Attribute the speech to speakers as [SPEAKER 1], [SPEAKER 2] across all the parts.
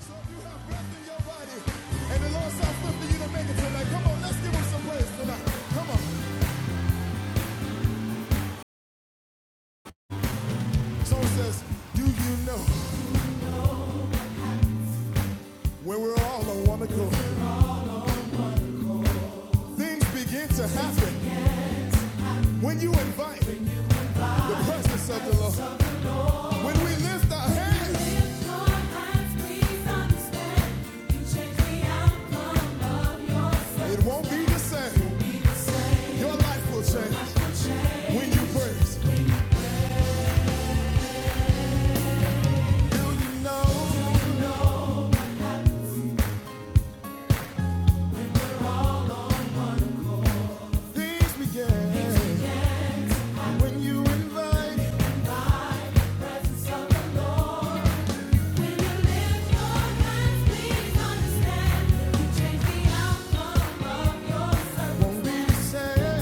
[SPEAKER 1] So if you have breath in your body and the Lord says something you to make it tonight, come on, let's give him some praise tonight. Come on. Song says, Do you know when we're all on one accord? Things begin to happen when you invite the presence of the Lord. When we lift our hands, it won't be the same. Your life will change when you praise. Do you know? Things begin when you invite Won't be the same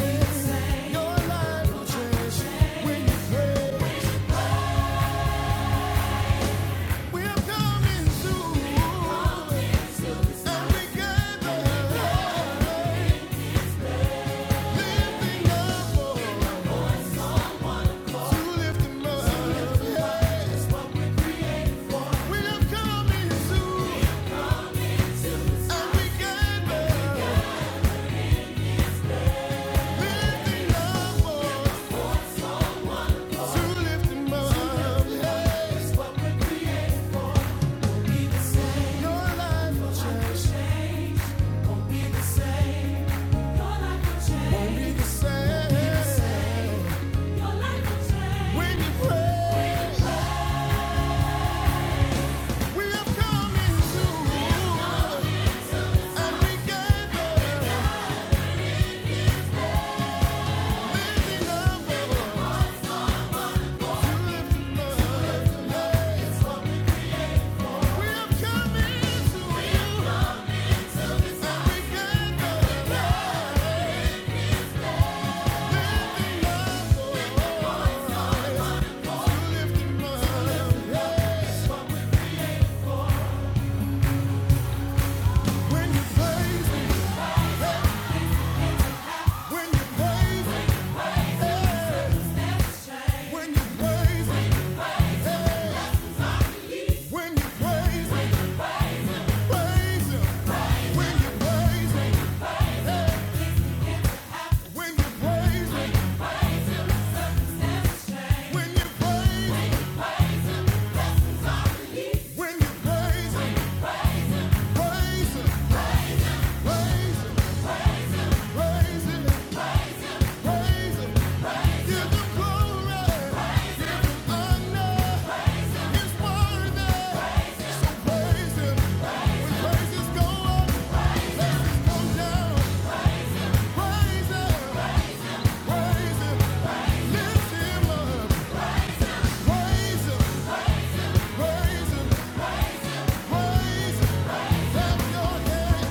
[SPEAKER 1] when you pray. We have come into and we gave up, living We have come into and we gave up, living When you praise, when you praise, when you praise, when you praise, praise Him. When you praise, when you praise, when you praise. When you praise him, praise him, praise him, praise him, praise him, give him glory, give him honor, praise Him, he's worthy. Praise him, when praises go up, praises go down. Praise him, praise him, lift him up. Praise him, praise him, praise him, clap your hands.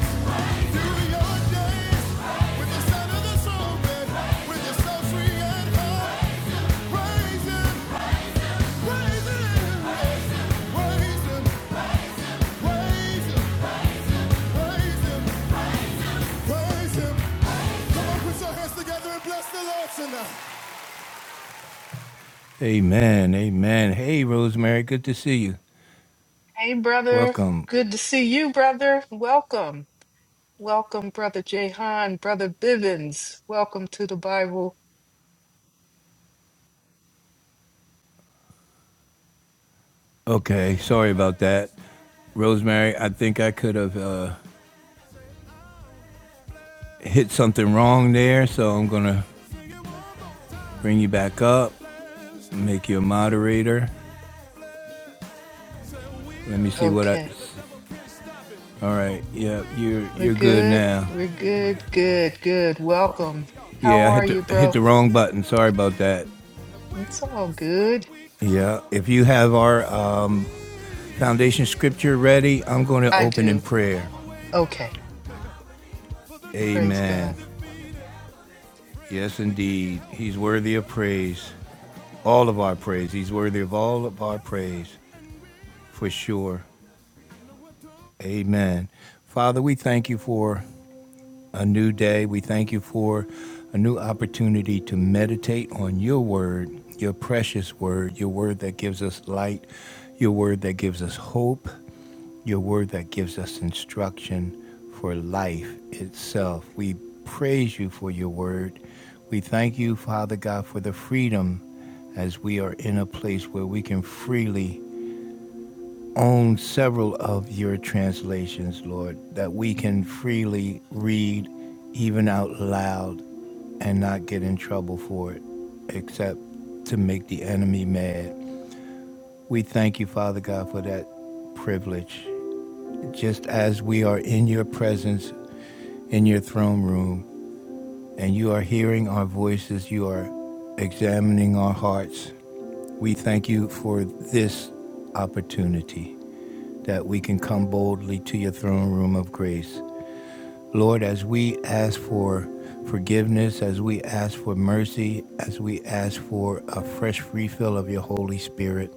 [SPEAKER 1] Amen. Amen. Hey, Rosemary. Good to see you.
[SPEAKER 2] Hey, brother.
[SPEAKER 1] Welcome.
[SPEAKER 2] Good to see you, brother. Welcome. Welcome, brother Jehan, brother Bivens. Welcome to the Bible.
[SPEAKER 1] Okay. Sorry about that. Rosemary, I think I could have uh, hit something wrong there, so I'm going to bring you back up, make you a moderator. Let me see what I.
[SPEAKER 2] Okay.
[SPEAKER 1] All right. Yeah, you're
[SPEAKER 2] We're
[SPEAKER 1] you're good
[SPEAKER 2] good.
[SPEAKER 1] now.
[SPEAKER 2] We're good. Good. Good. Welcome. How
[SPEAKER 1] Yeah, I
[SPEAKER 2] are
[SPEAKER 1] hit
[SPEAKER 2] you,
[SPEAKER 1] the hit
[SPEAKER 2] bro?
[SPEAKER 1] the wrong button. Sorry about that.
[SPEAKER 2] It's all good.
[SPEAKER 1] Yeah. If you have our uh, foundation scripture ready, I'm going to
[SPEAKER 2] I
[SPEAKER 1] open in
[SPEAKER 2] do.
[SPEAKER 1] prayer.
[SPEAKER 2] Okay. Praise
[SPEAKER 1] Amen.
[SPEAKER 2] God.
[SPEAKER 1] Yes, indeed. He's worthy of praise. All of our praise. He's worthy of all of our praise, for sure. Amen. Father, we thank you for a new day. We thank you for a new opportunity to meditate on your word, your precious word, your word that gives us light, your word that gives us hope, your word that gives us instruction for life itself. We praise you for your word. We thank you, Father God, for the freedom as we are in a place where we can freely own several of your translations, Lord, that we can freely read, even out loud, and not get in trouble for it, except to make the enemy mad. We thank you, Father God, for that privilege. Just as we are in your presence, in your throne room, and you are hearing our voices, you are examining our hearts. We thank you for this opportunity that we can come boldly to your throne room of grace. Lord, as we ask for forgiveness, as we ask for mercy, as we ask for a fresh refill of your Holy Spirit,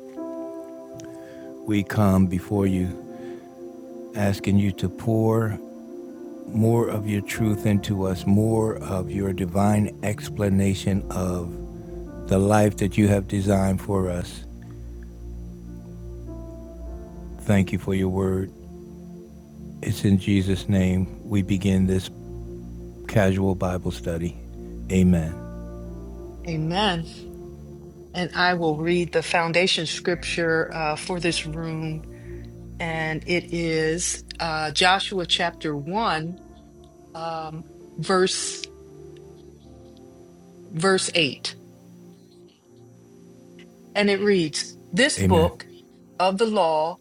[SPEAKER 1] we come before you, asking you to pour more of your truth into us, more of your divine explanation of the life that you have designed for us. Thank you for your word. It's in Jesus' name we begin this casual Bible study. Amen.
[SPEAKER 2] Amen. And I will read the foundation scripture uh, for this room, and it is uh, Joshua chapter 1, um, verse verse 8. and it reads, This
[SPEAKER 1] Amen.
[SPEAKER 2] book of the law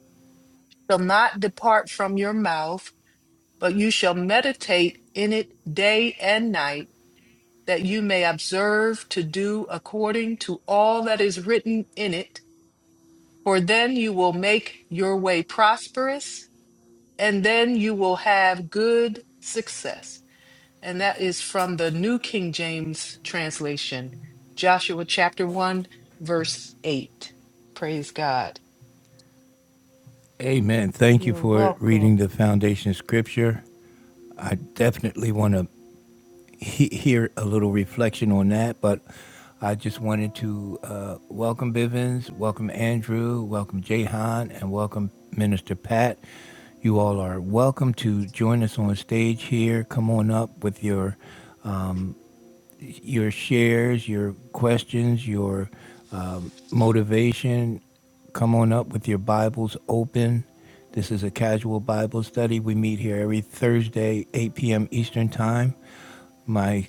[SPEAKER 2] shall not depart from your mouth, but you shall meditate in it day and night, that you may observe to do according to all that is written in it. For then you will make your way prosperous, and then you will have good success. And that is from the New King James translation, Joshua chapter 1, verse 8. Praise God.
[SPEAKER 1] Amen. Thank you
[SPEAKER 2] You're
[SPEAKER 1] for
[SPEAKER 2] welcome.
[SPEAKER 1] reading the foundation scripture. I definitely want to he- hear a little reflection on that, but I just wanted to uh, welcome Bivens, welcome Andrew, welcome Jahan, and welcome Minister Pat. You all are welcome to join us on stage here. Come on up with your your shares, your questions, your um, motivation. Come on up with your Bibles open. This is a casual Bible study. We meet here every Thursday, 8 p.m. Eastern Time. My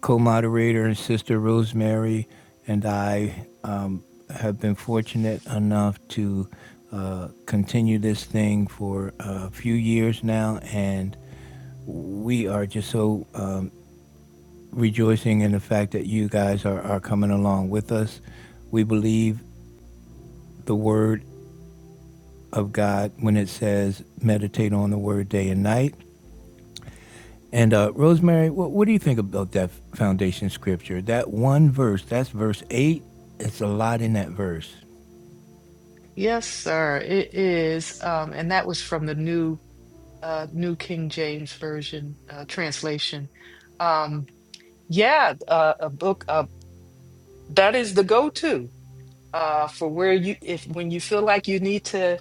[SPEAKER 1] co moderator and sister Rosemary and I um, have been fortunate enough to uh, continue this thing for a few years now, and we are just so um, rejoicing in the fact that you guys are, are coming along with us. We believe the word of God when it says meditate on the word day and night. And uh, Rosemary, what, what do you think about that foundation scripture? That one verse, that's verse 8. It's a lot in that verse.
[SPEAKER 2] Yes, sir, it is. Um, and that was from the new uh, New King James Version uh, translation. Um, yeah, uh, a book uh, that is the go-to uh, for where you if when you feel like you need to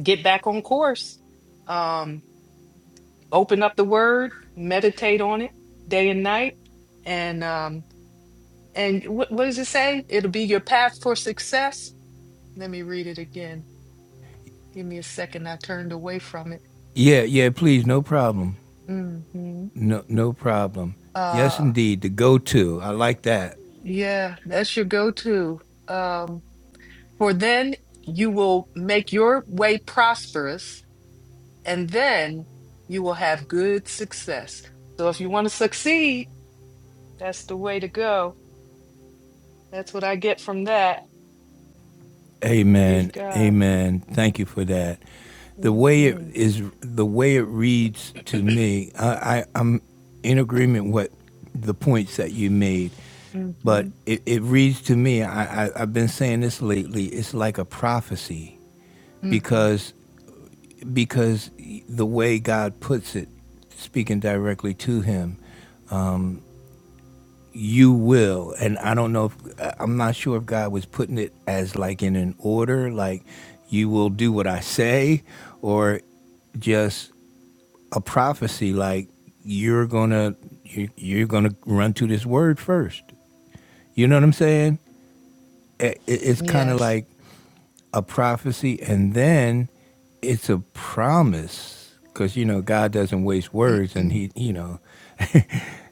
[SPEAKER 2] get back on course, um, open up the Word, meditate on it day and night, and um, and what, what does it say? It'll be your path for success. Let me read it again. Give me a second. I turned away from it.
[SPEAKER 1] Yeah, yeah, please, no problem.
[SPEAKER 2] hmm
[SPEAKER 1] No, no problem. Yes,
[SPEAKER 2] Uh,
[SPEAKER 1] indeed, the go to. I like that.
[SPEAKER 2] yeah, that's your go-to. Um, for then you will make your way prosperous, and then you will have good success. So if you want to succeed, that's the way to go. That's what I get from that. Praise
[SPEAKER 1] Amen.
[SPEAKER 2] God.
[SPEAKER 1] Amen. Thank you for that. The way it
[SPEAKER 2] Mm-hmm,
[SPEAKER 1] is, the way it reads to me, I, I, I'm in agreement with the points that you made,
[SPEAKER 2] mm-hmm,
[SPEAKER 1] but it, it reads to me. I, I, I've been saying this lately. It's like a prophecy
[SPEAKER 2] mm-hmm.
[SPEAKER 1] because because the way God puts it, speaking directly to him. you will and i don't know if I- am not sure if god was putting it as like in an order like you will do what i say or just a prophecy like you're gonna you- you're gonna run to this word first you know what i'm saying I- i- it's kind of
[SPEAKER 2] Yes.
[SPEAKER 1] like a prophecy and then it's a promise because you know God doesn't waste words and
[SPEAKER 2] Mm-mm,
[SPEAKER 1] he you know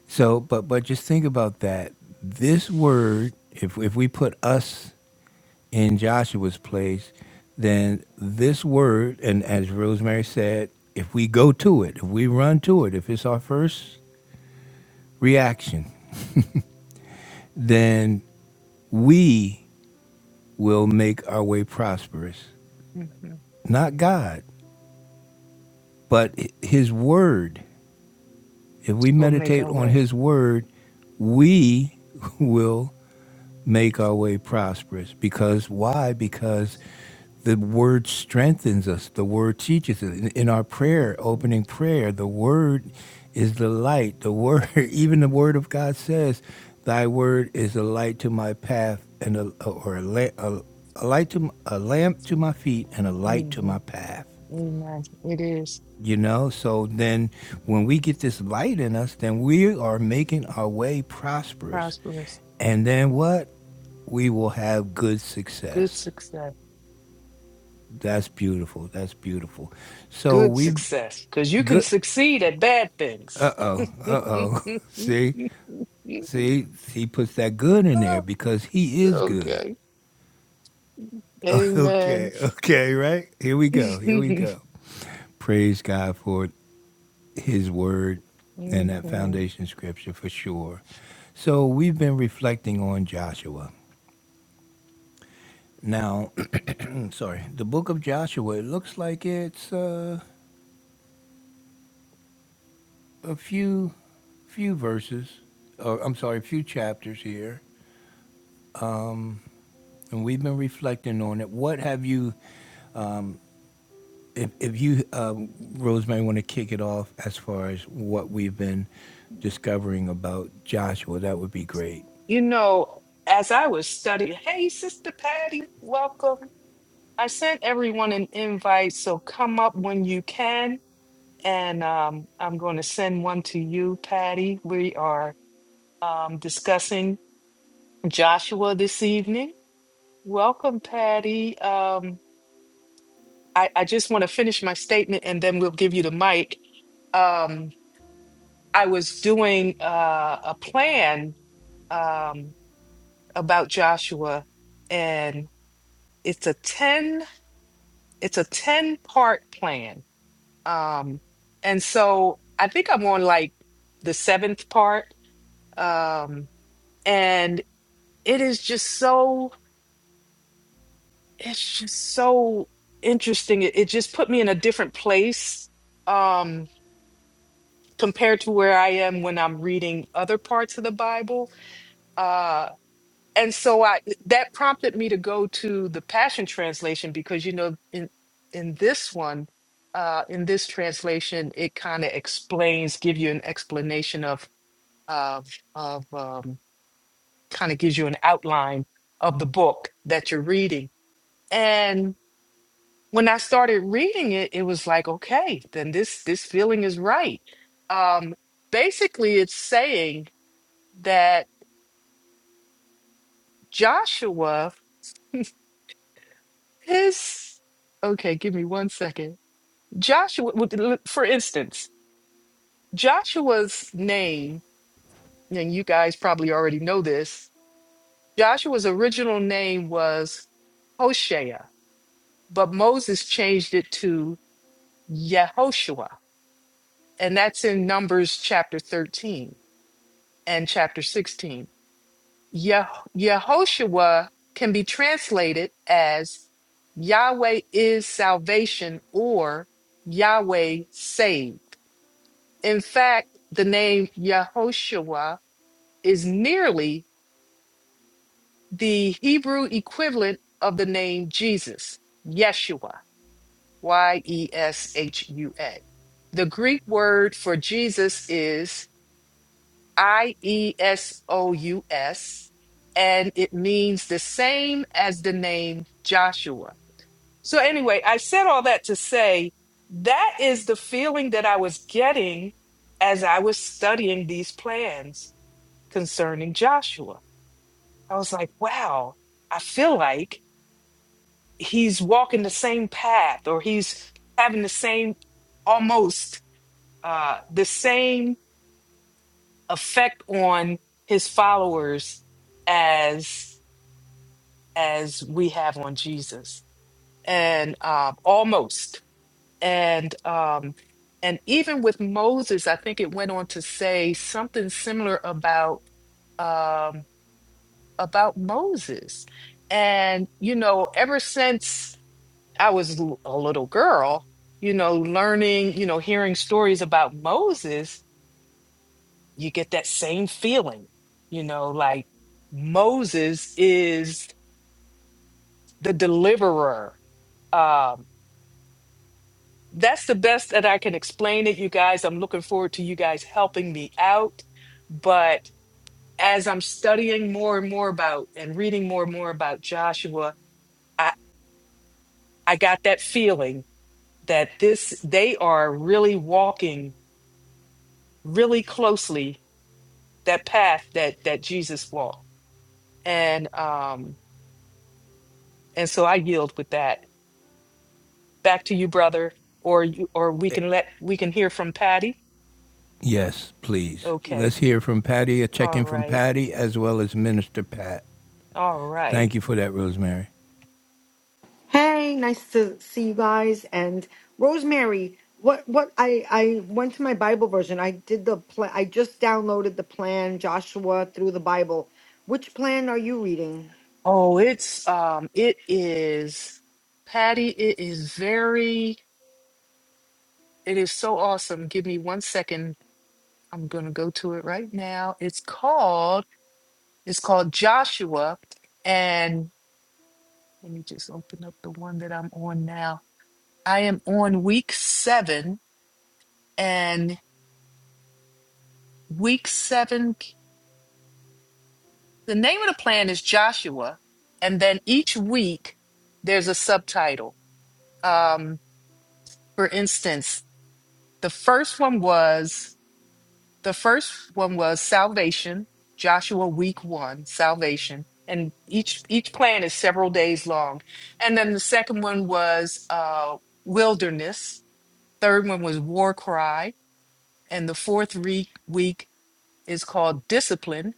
[SPEAKER 1] so but but just think about that this word if if we put us in Joshua's place then this word and as Rosemary said if we go to it if we run to it if it's our first reaction then we will make our way prosperous
[SPEAKER 2] mm-hmm.
[SPEAKER 1] not God but his word If we
[SPEAKER 2] We'll make
[SPEAKER 1] meditate
[SPEAKER 2] our
[SPEAKER 1] on
[SPEAKER 2] way.
[SPEAKER 1] His Word, we will make our way prosperous. Because why? Because the Word strengthens us, the Word teaches us. In in our prayer,
[SPEAKER 2] Mm-hmm,
[SPEAKER 1] opening prayer, the Word is the light. The Word, even the Word of God says, Thy Word is a light to my path and a, or a, la- a, a light to m- a lamp to my feet and a light to
[SPEAKER 2] mm-hmm.
[SPEAKER 1] my path.
[SPEAKER 2] Amen. It is
[SPEAKER 1] You know, so then when we get this light in us, then we are making our way prosperous.
[SPEAKER 2] prosperous,
[SPEAKER 1] And then what? We will have good
[SPEAKER 2] good
[SPEAKER 1] success.
[SPEAKER 2] success.
[SPEAKER 1] That's beautiful. That's beautiful. So
[SPEAKER 2] good
[SPEAKER 1] we
[SPEAKER 2] success because you can
[SPEAKER 1] good
[SPEAKER 2] succeed at bad
[SPEAKER 1] uh
[SPEAKER 2] things.
[SPEAKER 1] oh, uh oh. See? See, he puts that good in there
[SPEAKER 2] Oh,
[SPEAKER 1] because he is good.
[SPEAKER 2] okay.
[SPEAKER 1] Okay,
[SPEAKER 2] Amen.
[SPEAKER 1] okay, right? Here we go. Here we go. Praise God for it. his word and that
[SPEAKER 2] Mhm.
[SPEAKER 1] foundation scripture for sure. So we've been reflecting on Joshua. Now, sorry, the book of Joshua, it looks like it's uh, a few few verses or I'm sorry, a few chapters here. And we've been reflecting on it. What have you, if, if you, um, Rosemary, want to kick it off as far as what we've been discovering about Joshua, that would be great.
[SPEAKER 2] you know, as I was studying, hey, Sister Patty, welcome. I sent everyone an invite, so come up when you can. And um, I'm going to send one to you, Patty. We are um, discussing Joshua this evening. Welcome, Patty. Um, I, I just want to finish my statement and then we'll give you the mic. Um, I was doing uh, a plan um, about Joshua, and it's a ten it's a ten part plan. Um, and so I think I'm on like the seventh part, um, and it is just so it's just so interesting. It, it just put me in a different place. Um, compared to where I am when I'm reading other parts of the Bible. Uh, and so I that prompted me to go to the Passion Translation because you know in in this one, uh, in this translation, it kind of explains, give you an explanation of of of um, kind of gives you an outline of the book that you're reading. And when I started reading it, it was like, okay, then this this feeling is right. Um, basically, it's saying that Joshua, his, okay, give me one second. Joshua, would- for instance, Joshua's name, and you guys probably already know this, Joshua's original name was Hoshea, but Moses changed it to Yehoshua. And that's in Numbers chapter 13 and chapter 16. Yeh- Yehoshua can be translated as Yahweh is salvation or Yahweh saved. In fact, the name Yehoshua is nearly the Hebrew equivalent of the name Jesus, Yeshua, Y E S H U A. The Greek word for Jesus is I E S O U S, and it means the same as the name Joshua. So, anyway, I said all that to say that is the feeling that I was getting as I was studying these plans concerning Joshua. I was like, wow, I feel like he's walking the same path or he's having the same, almost uh, the same effect on his followers as as we have on Jesus and um almost and um and even with Moses I think it went on to say something similar about um about Moses and you know ever since I was l- a little girl you know learning you know hearing stories about Moses you get that same feeling. You know, like Moses is the deliverer. Um, that's the best that I can explain it, you guys. I'm looking forward to you guys helping me out. But as I'm studying more and more about and reading more and more about Joshua, I, I got that feeling that this they are really walking really closely that path that that Jesus walked. And um and so I yield with that. back to you, brother, or you, or we can let we can hear from Patty.
[SPEAKER 1] Yes, please.
[SPEAKER 2] Okay.
[SPEAKER 1] Let's hear from Patty, a check
[SPEAKER 2] All
[SPEAKER 1] in from
[SPEAKER 2] right.
[SPEAKER 1] Patty, as well as Minister Pat.
[SPEAKER 2] All right.
[SPEAKER 1] Thank you for that, Rosemary.
[SPEAKER 3] Hey, nice to see you guys. And Rosemary, what what I I went to my Bible version. I did the plan. I just downloaded the plan Joshua through the Bible. Which plan are you reading?
[SPEAKER 2] Oh, it's um it is Patty, it is very it is so awesome. Give me one second. I'm going to go to it right now. It's called it's called Joshua and let me just open up the one that I'm on now. I am on week 7 and week 7 The name of the plan is Joshua, and then each week there's a subtitle. Um, for instance, the first one was the first one was Salvation, Joshua week 1, Salvation, and each each plan is several days long. And then the second one was uh Wilderness, third one was War Cry, and the fourth re- week is called Discipline,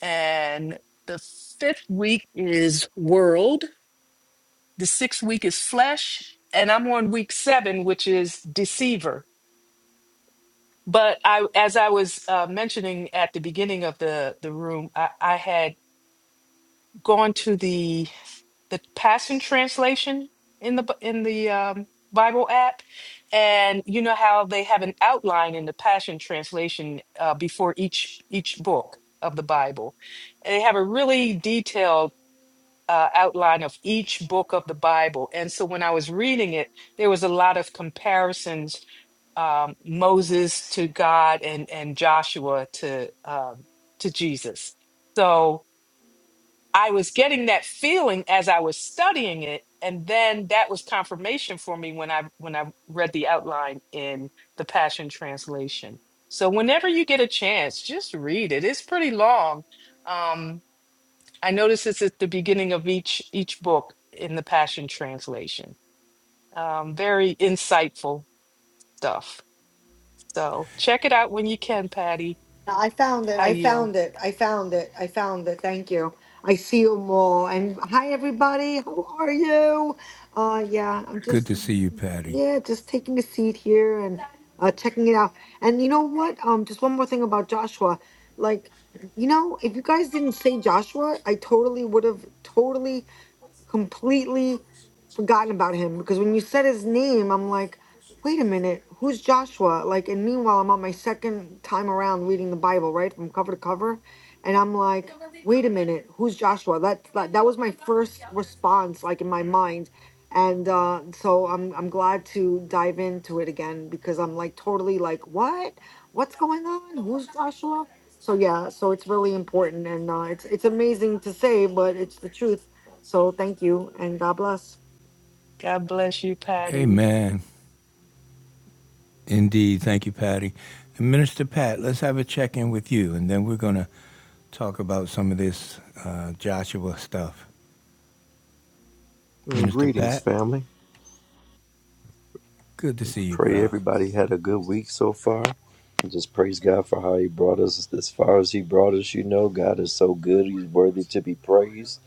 [SPEAKER 2] and the fifth week is World The sixth week is flesh, and I'm on week seven, which is deceiver. But I, as I was uh, mentioning at the beginning of the the room, I, I had gone to the the Passion Translation in the B- in the um, Bible app, and you know how they have an outline in the Passion Translation uh, before each each book of the Bible. they have a really detailed uh, outline of each book of the Bible. And so when I was reading it, there was a lot of comparisons um, Moses to God and, and Joshua to um, to Jesus. So I was getting that feeling as I was studying it, and then that was confirmation for me when I when I read the outline in the Passion Translation. So whenever you get a chance, just read it. It's pretty long, um, I notice this at the beginning of each each book in the Passion Translation. Um, very insightful stuff. So check it out when you can, Patty.
[SPEAKER 3] I found it.
[SPEAKER 2] I
[SPEAKER 3] I
[SPEAKER 2] yield.
[SPEAKER 3] found it. I found it. I found it. Thank you. I see you more. And hi, everybody. How are you? Uh, yeah, I'm
[SPEAKER 1] Good to
[SPEAKER 3] just,
[SPEAKER 1] see you, Patty.
[SPEAKER 3] yeah, just taking a seat here and uh, checking it out. And you know what? Um, just one more thing about Joshua. Like, you know, if you guys didn't say Joshua, I totally would have totally, completely forgotten about him because when you said his name, I'm like, wait a minute, who's Joshua? Like, and meanwhile, I'm on my second time around reading the Bible, right, from cover to cover, and I'm like, wait a minute, who's Joshua? That that, that was my first response, like in my mind, and uh, so I'm I'm glad to dive into it again because I'm like totally like, what, what's going on? Who's Joshua? So yeah, so it's really important, and uh, it's it's amazing to say, but it's the truth. So thank you, and God bless.
[SPEAKER 2] God bless you, Patty.
[SPEAKER 1] Amen. Indeed. Thank you, Patty. And Minister Pat, let's have a check in with you, and then we're going to talk about some of this uh, Joshua stuff.
[SPEAKER 4] Mm,
[SPEAKER 1] Minister
[SPEAKER 4] Greetings,
[SPEAKER 1] Pat,
[SPEAKER 4] family.
[SPEAKER 1] good to see you,
[SPEAKER 4] Pray
[SPEAKER 1] bro.
[SPEAKER 4] everybody had a good week so far. And Just praise God for how He brought us as far as He brought us. You know, God is so good. He's worthy to be praised.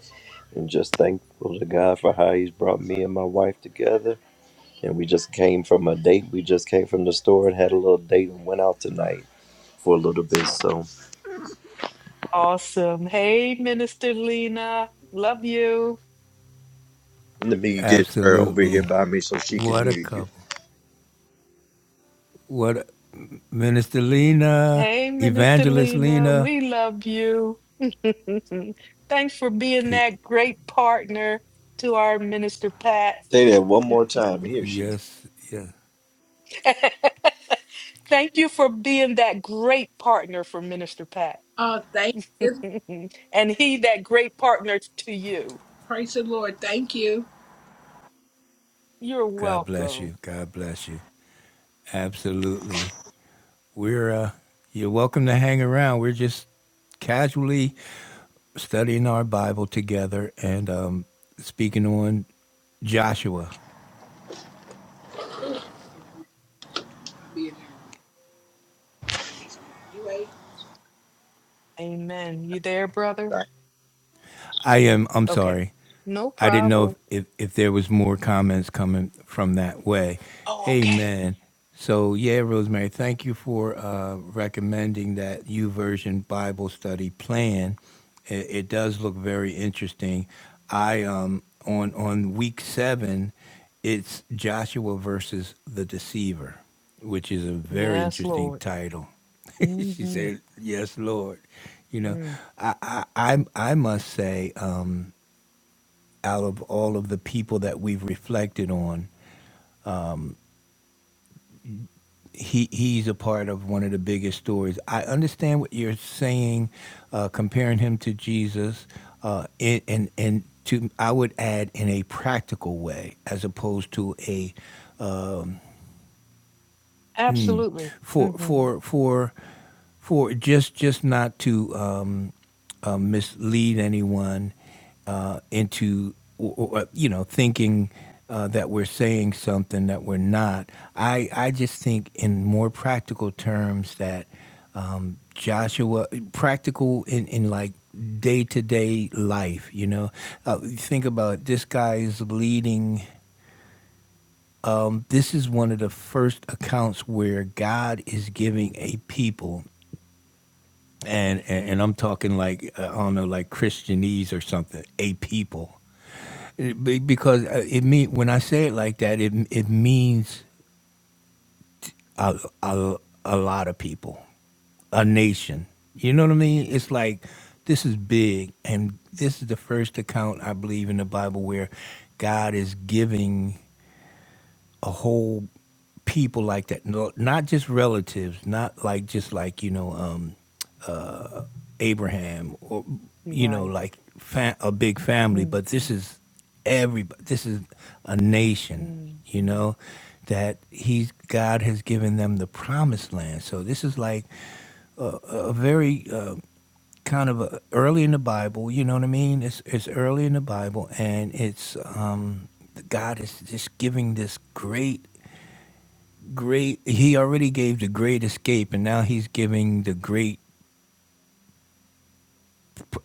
[SPEAKER 4] And just thankful to God for how He's brought me and my wife together. And we just came from a date. We just came from the store and had a little date and went out tonight for a little bit. So
[SPEAKER 2] Awesome. Hey, Minister Lena. Love you.
[SPEAKER 4] let me get her over here
[SPEAKER 1] Absolutely.
[SPEAKER 4] by me so she can
[SPEAKER 1] What a
[SPEAKER 4] hear you.
[SPEAKER 1] couple. What a, Minister Lena,
[SPEAKER 2] Hey, Minister
[SPEAKER 1] Evangelist
[SPEAKER 2] Lena.
[SPEAKER 1] Lena.
[SPEAKER 2] We love you. Thanks for being
[SPEAKER 1] P-
[SPEAKER 2] that great partner to our Minister Pat.
[SPEAKER 4] Say that one more time. Here she goes.
[SPEAKER 1] yes, yes.
[SPEAKER 2] Thank you for being that great partner for Minister Pat.
[SPEAKER 4] Uh, thank you.
[SPEAKER 2] and he that great partner to you.
[SPEAKER 4] Praise the Lord. Thank you.
[SPEAKER 2] You're
[SPEAKER 1] God bless
[SPEAKER 2] welcome.
[SPEAKER 1] you. God bless you. Absolutely. We're uh you're welcome to hang around. We're just casually studying our Bible together and um speaking on Joshua.
[SPEAKER 4] You
[SPEAKER 2] Amen. You there, brother?
[SPEAKER 1] I am. I'm
[SPEAKER 2] Okay.
[SPEAKER 1] sorry.
[SPEAKER 2] No
[SPEAKER 1] I didn't know if,
[SPEAKER 2] problem.
[SPEAKER 1] if, if there was more comments coming from that way.
[SPEAKER 2] Oh, okay.
[SPEAKER 1] Amen. So yeah, Rosemary, thank you for uh, recommending that U Version Bible study plan. It, it does look very interesting. I um on on week seven, it's Joshua versus the deceiver which is a very
[SPEAKER 2] Yes,
[SPEAKER 1] interesting
[SPEAKER 2] Lord.
[SPEAKER 1] title. she
[SPEAKER 2] hmm
[SPEAKER 1] said, "Yes, Lord." You know,
[SPEAKER 2] Mm.
[SPEAKER 1] I I I, I must say, um, out of all of the people that we've reflected on, he he's a part of one of the biggest stories. I understand what you're saying, uh, comparing him to Jesus, uh, and and and to I would add in a practical way, as opposed to a Mm.
[SPEAKER 2] Absolutely.
[SPEAKER 1] for
[SPEAKER 2] hmm
[SPEAKER 1] for for for just just not to um, uh, mislead anyone uh, into or, or, you know thinking uh, that we're saying something that we're not. I I just think in more practical terms that um, Joshua practical in in like day to day life. You know, uh, think about it, this guy is leading um, this is one of the first accounts where God is giving a people, and and, and I'm talking like uh, I don't know, like Christianese or something, a people, It- be- because uh, it mean when I say it like that, it it means a a, a lot of people, a nation. You know what I mean? It's like this is big, and this is the first account I believe in the Bible where God is giving. a whole people like that. No, not just relatives, not like just like you know um, Abraham or you know
[SPEAKER 2] Right.
[SPEAKER 1] like fa- a big family,
[SPEAKER 2] hmm
[SPEAKER 1] but this is everybody. this is a nation.
[SPEAKER 2] hmm
[SPEAKER 1] You know that he's God has given them the promised land. So this is like a, a very uh, kind of a, early in the Bible. You know what I mean? It's it's early in the Bible, and it's um, God is just giving this great great he already gave the great escape and now he's giving the great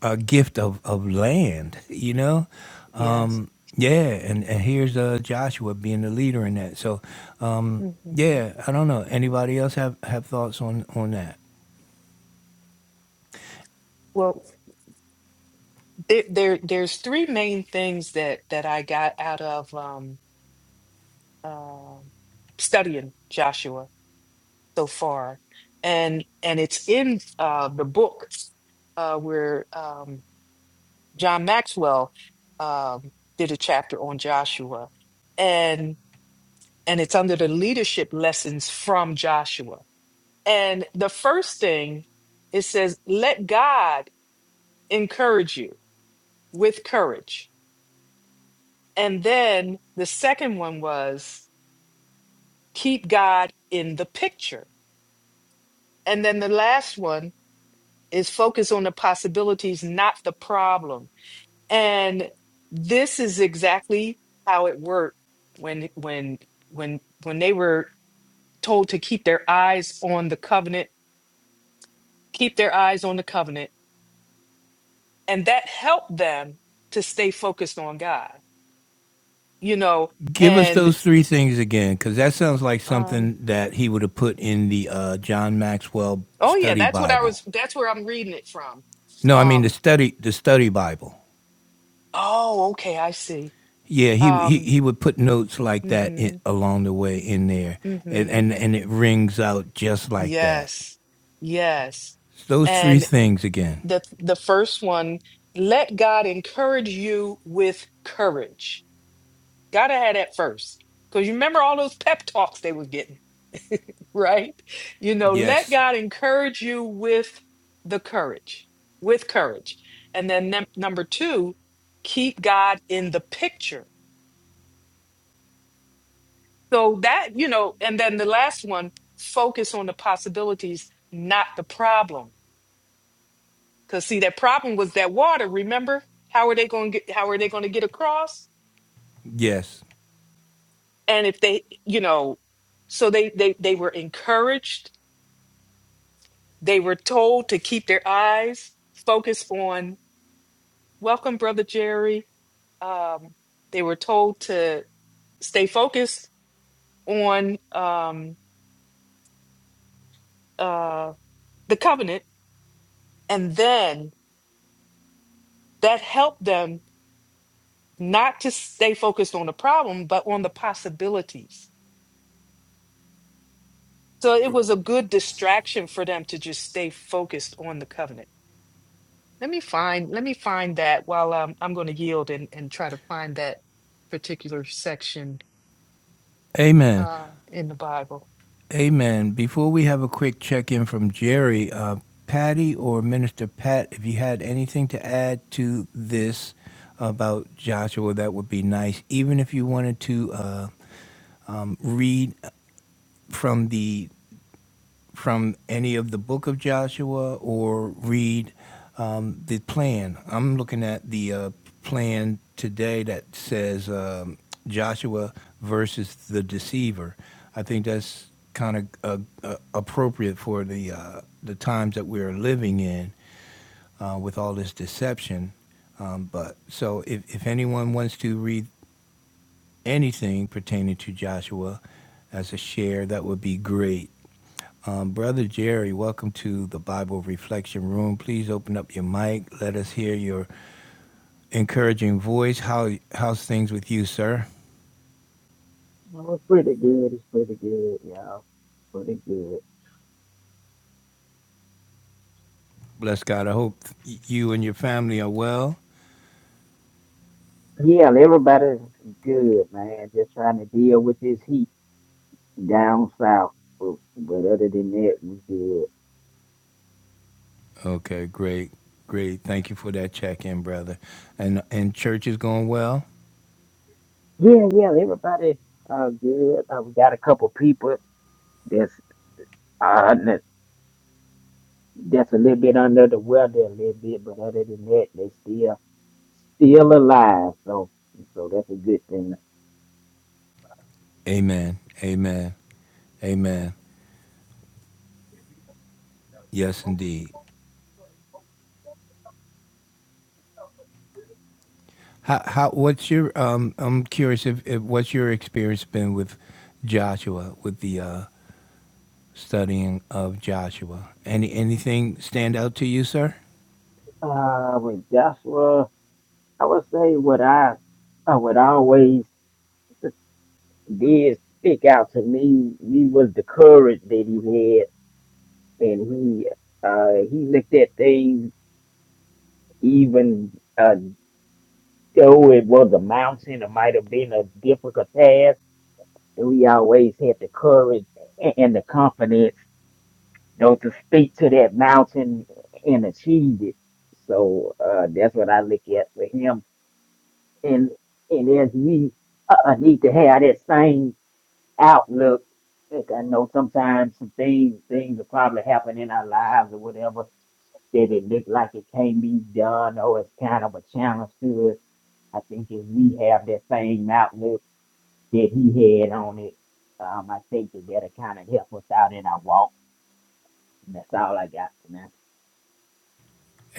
[SPEAKER 1] uh, gift of, of land you know
[SPEAKER 2] Yes.
[SPEAKER 1] um, yeah and, and here's uh, joshua being the leader in that so um,
[SPEAKER 2] hmm
[SPEAKER 1] yeah i don't know anybody else have, have thoughts on, on that
[SPEAKER 2] Well, there, there, there's three main things that that I got out of um, um, studying Joshua so far, and and it's in uh, the book uh, where um, John Maxwell um, did a chapter on Joshua, and and it's under the leadership lessons from Joshua. And the first thing it says, let God encourage you with courage, and then the second one was keep God in the picture, and then the last one is focus on the possibilities, not the problem. And this is exactly how it worked when when when when they were told to keep their eyes on the covenant, keep their eyes on the covenant, and that helped them to stay focused on God. You know,
[SPEAKER 1] give us
[SPEAKER 2] and
[SPEAKER 1] those three things again because that sounds like
[SPEAKER 2] um
[SPEAKER 1] something that he would have put in the uh, john maxwell
[SPEAKER 2] oh yeah,
[SPEAKER 1] study
[SPEAKER 2] that's what I
[SPEAKER 1] bible
[SPEAKER 2] was that's where I'm reading it from.
[SPEAKER 1] no i mean the
[SPEAKER 2] Um
[SPEAKER 1] study the study bible
[SPEAKER 2] oh, okay, I see.
[SPEAKER 1] Yeah, he he
[SPEAKER 2] Um
[SPEAKER 1] he would put notes like that in,
[SPEAKER 2] mhm
[SPEAKER 1] along the way in there, and,
[SPEAKER 2] mhm
[SPEAKER 1] and and it rings out just like that.
[SPEAKER 2] Yes. Yes.
[SPEAKER 1] Those three
[SPEAKER 2] And
[SPEAKER 1] things again.
[SPEAKER 2] the the first one, let God encourage you with courage. Gotta have that first. Because you remember all those pep talks they were getting, right? You know, let
[SPEAKER 1] Yes,
[SPEAKER 2] God encourage you with the courage, with courage. And then num- number two, keep God in the picture. So that, you know, and then the last one, focus on the possibilities, not the problem Cause see, that problem was that water. Remember, how are they going to get? How are they going to get across?
[SPEAKER 1] yes,
[SPEAKER 2] And if they, you know, so they they they were encouraged. They were told to keep their eyes focused on. Welcome, brother Jerry. Um, they were told to stay focused on um, uh, the covenant, and then that helped them not to stay focused on the problem, but on the possibilities So it was a good distraction for them to just stay focused on the covenant. Let me find let me find that while um, I'm going to yield and, and try to find that particular section
[SPEAKER 1] amen,
[SPEAKER 2] uh, in the Bible.
[SPEAKER 1] amen. Before we have a quick check in from Jerry, uh, Patty or Minister Pat, if you had anything to add to this about Joshua, that would be nice. Even if you wanted to uh, um, read from the from any of the book of Joshua or read um, the plan. I'm looking at the uh, plan today that says um, Joshua versus the deceiver. I think that's kind of uh, uh, appropriate for the uh, the times that we're living in uh, with all this deception. Um, but so if, if anyone wants to read anything pertaining to Joshua as a share, that would be great. Um, Brother Jerry, welcome to the Bible Reflection Room. Please open up your mic. Let us hear your encouraging voice. How how's things with you, sir?
[SPEAKER 5] It was pretty good. It's pretty good, y'all. Pretty good.
[SPEAKER 1] Bless God. I hope you and your family are well.
[SPEAKER 5] Yeah, everybody's good, man. Just trying to deal with this heat down south. But, but other than that, we good.
[SPEAKER 1] Okay, great, great. Thank you for that check-in, brother. And and church is going well.
[SPEAKER 5] Yeah, yeah, everybody uh good. Uh, we got a couple people that's uh n- that's a little bit under the weather a little bit, but other than that, they still still alive. So so that's a good thing.
[SPEAKER 1] Amen. Amen. Amen. Yes, indeed. How how what's your um? I'm curious if, if what's your experience been with Joshua with the uh, studying of Joshua. Any anything stand out to you, sir?
[SPEAKER 5] Uh, with Joshua, I would say what I I would always. did stick out to me. He was the courage that he had, and he uh, he looked at things even uh, though it was a mountain, it might have been a difficult task. And we always had the courage and and the confidence, you know, to speak to that mountain and achieve it. So uh, that's what I look at with him, and and as we uh, uh, need to have that same outlook. Look, I know sometimes some things things will probably happen in our lives or whatever that it looked like it can't be done or it's kind of a challenge to us. I think if we have that same outlook that he had on it, um, I think that that'll kind of help us out in our walk. And that's all I got for now.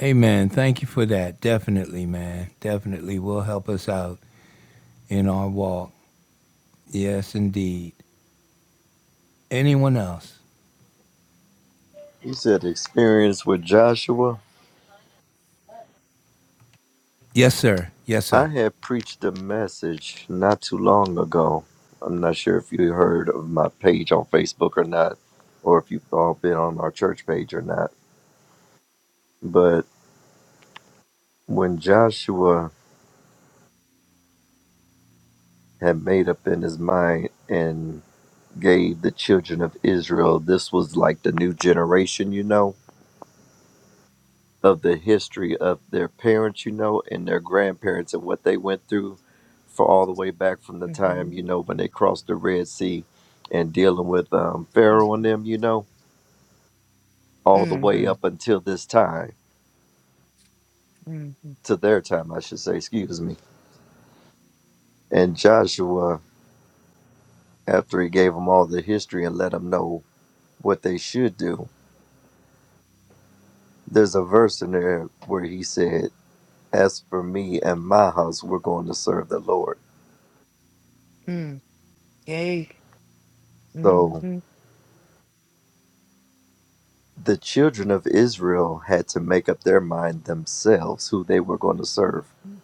[SPEAKER 1] Amen. Thank you for that. Definitely, man. Definitely will help us out in our walk. Yes, indeed. Anyone else?
[SPEAKER 4] said experience with Joshua?
[SPEAKER 1] Yes, sir. Yes,
[SPEAKER 4] I
[SPEAKER 1] sir.
[SPEAKER 4] had preached a message not too long ago. I'm not sure if you heard of my page on Facebook or not, or if you've all been on our church page or not. But when Joshua had made up in his mind and gave the children of Israel, this was like the new generation, you know? of the history of their parents, you know, and their grandparents and what they went through for all the way back from the time,
[SPEAKER 2] Mm-hmm.
[SPEAKER 4] you know, when they crossed the Red Sea and dealing with um, Pharaoh and them, you know, all the way
[SPEAKER 2] Mm-hmm.
[SPEAKER 4] up until this time,
[SPEAKER 2] hmm
[SPEAKER 4] to their time, I should say, excuse me. And Joshua, after he gave them all the history and let them know what they should do, there's a verse in there where he said, As for me and my house, we're going to serve the Lord.
[SPEAKER 2] hmm Yay. hmm
[SPEAKER 4] So The children of Israel had to make up their mind themselves who they were going to serve.
[SPEAKER 2] hmm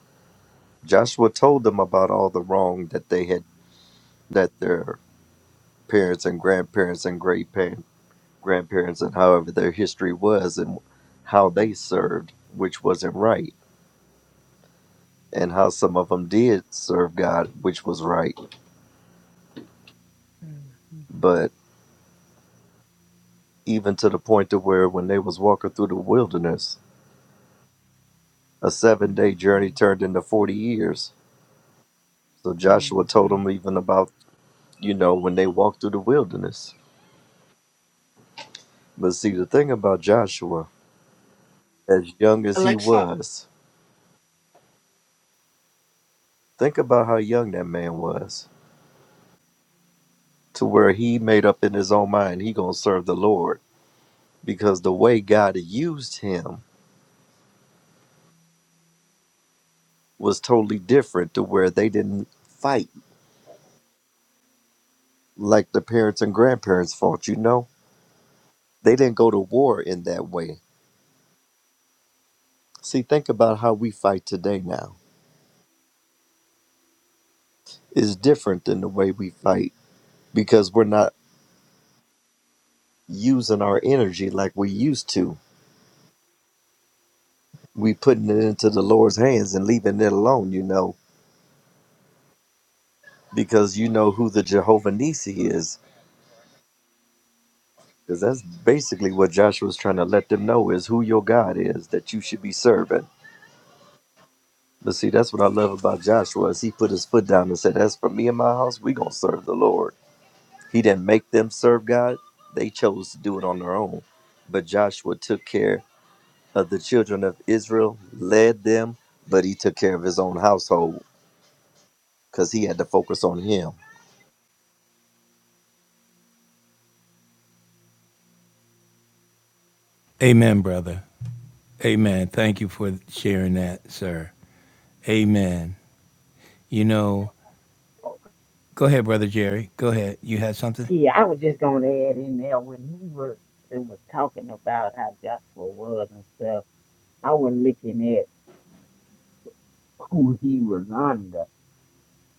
[SPEAKER 4] Joshua told them about all the wrong that they had, that their parents and grandparents and great par- grandparents and however their history was and how they served, which wasn't right, and how some of them did serve God, which was right. But even to the point to where when they was walking through the wilderness, a seven day journey turned into 40 years. So Joshua told them even about you know, when they walked through the wilderness. But see, the thing about Joshua, as young as he
[SPEAKER 2] Alexa,
[SPEAKER 4] was, think about how young that man was, to where he made up in his own mind he gonna serve the Lord because the way God used him was totally different to where they didn't fight like the parents and grandparents fought. You know, they didn't go to war in that way. See, think about how we fight today. Now is different than the way we fight because we're not using our energy like we used to we putting it into the Lord's hands and leaving it alone, you know, because you know who the Jehovah Nisi is. Because that's basically what Joshua's trying to let them know is who your God is that you should be serving. But see, that's what I love about Joshua is he put his foot down and said, As for me and my house, we gonna serve the Lord. He didn't make them serve God. They chose to do it on their own. But Joshua took care of the children of Israel, led them, but he took care of his own household because he had to focus on him
[SPEAKER 1] Amen, brother. Amen. Thank you for sharing that, sir. Amen. You know, go ahead, brother Jerry. Go ahead. You had something?
[SPEAKER 5] Yeah, I was just gonna add in there when he was and was talking about how Joshua was and stuff. I was looking at who he was under.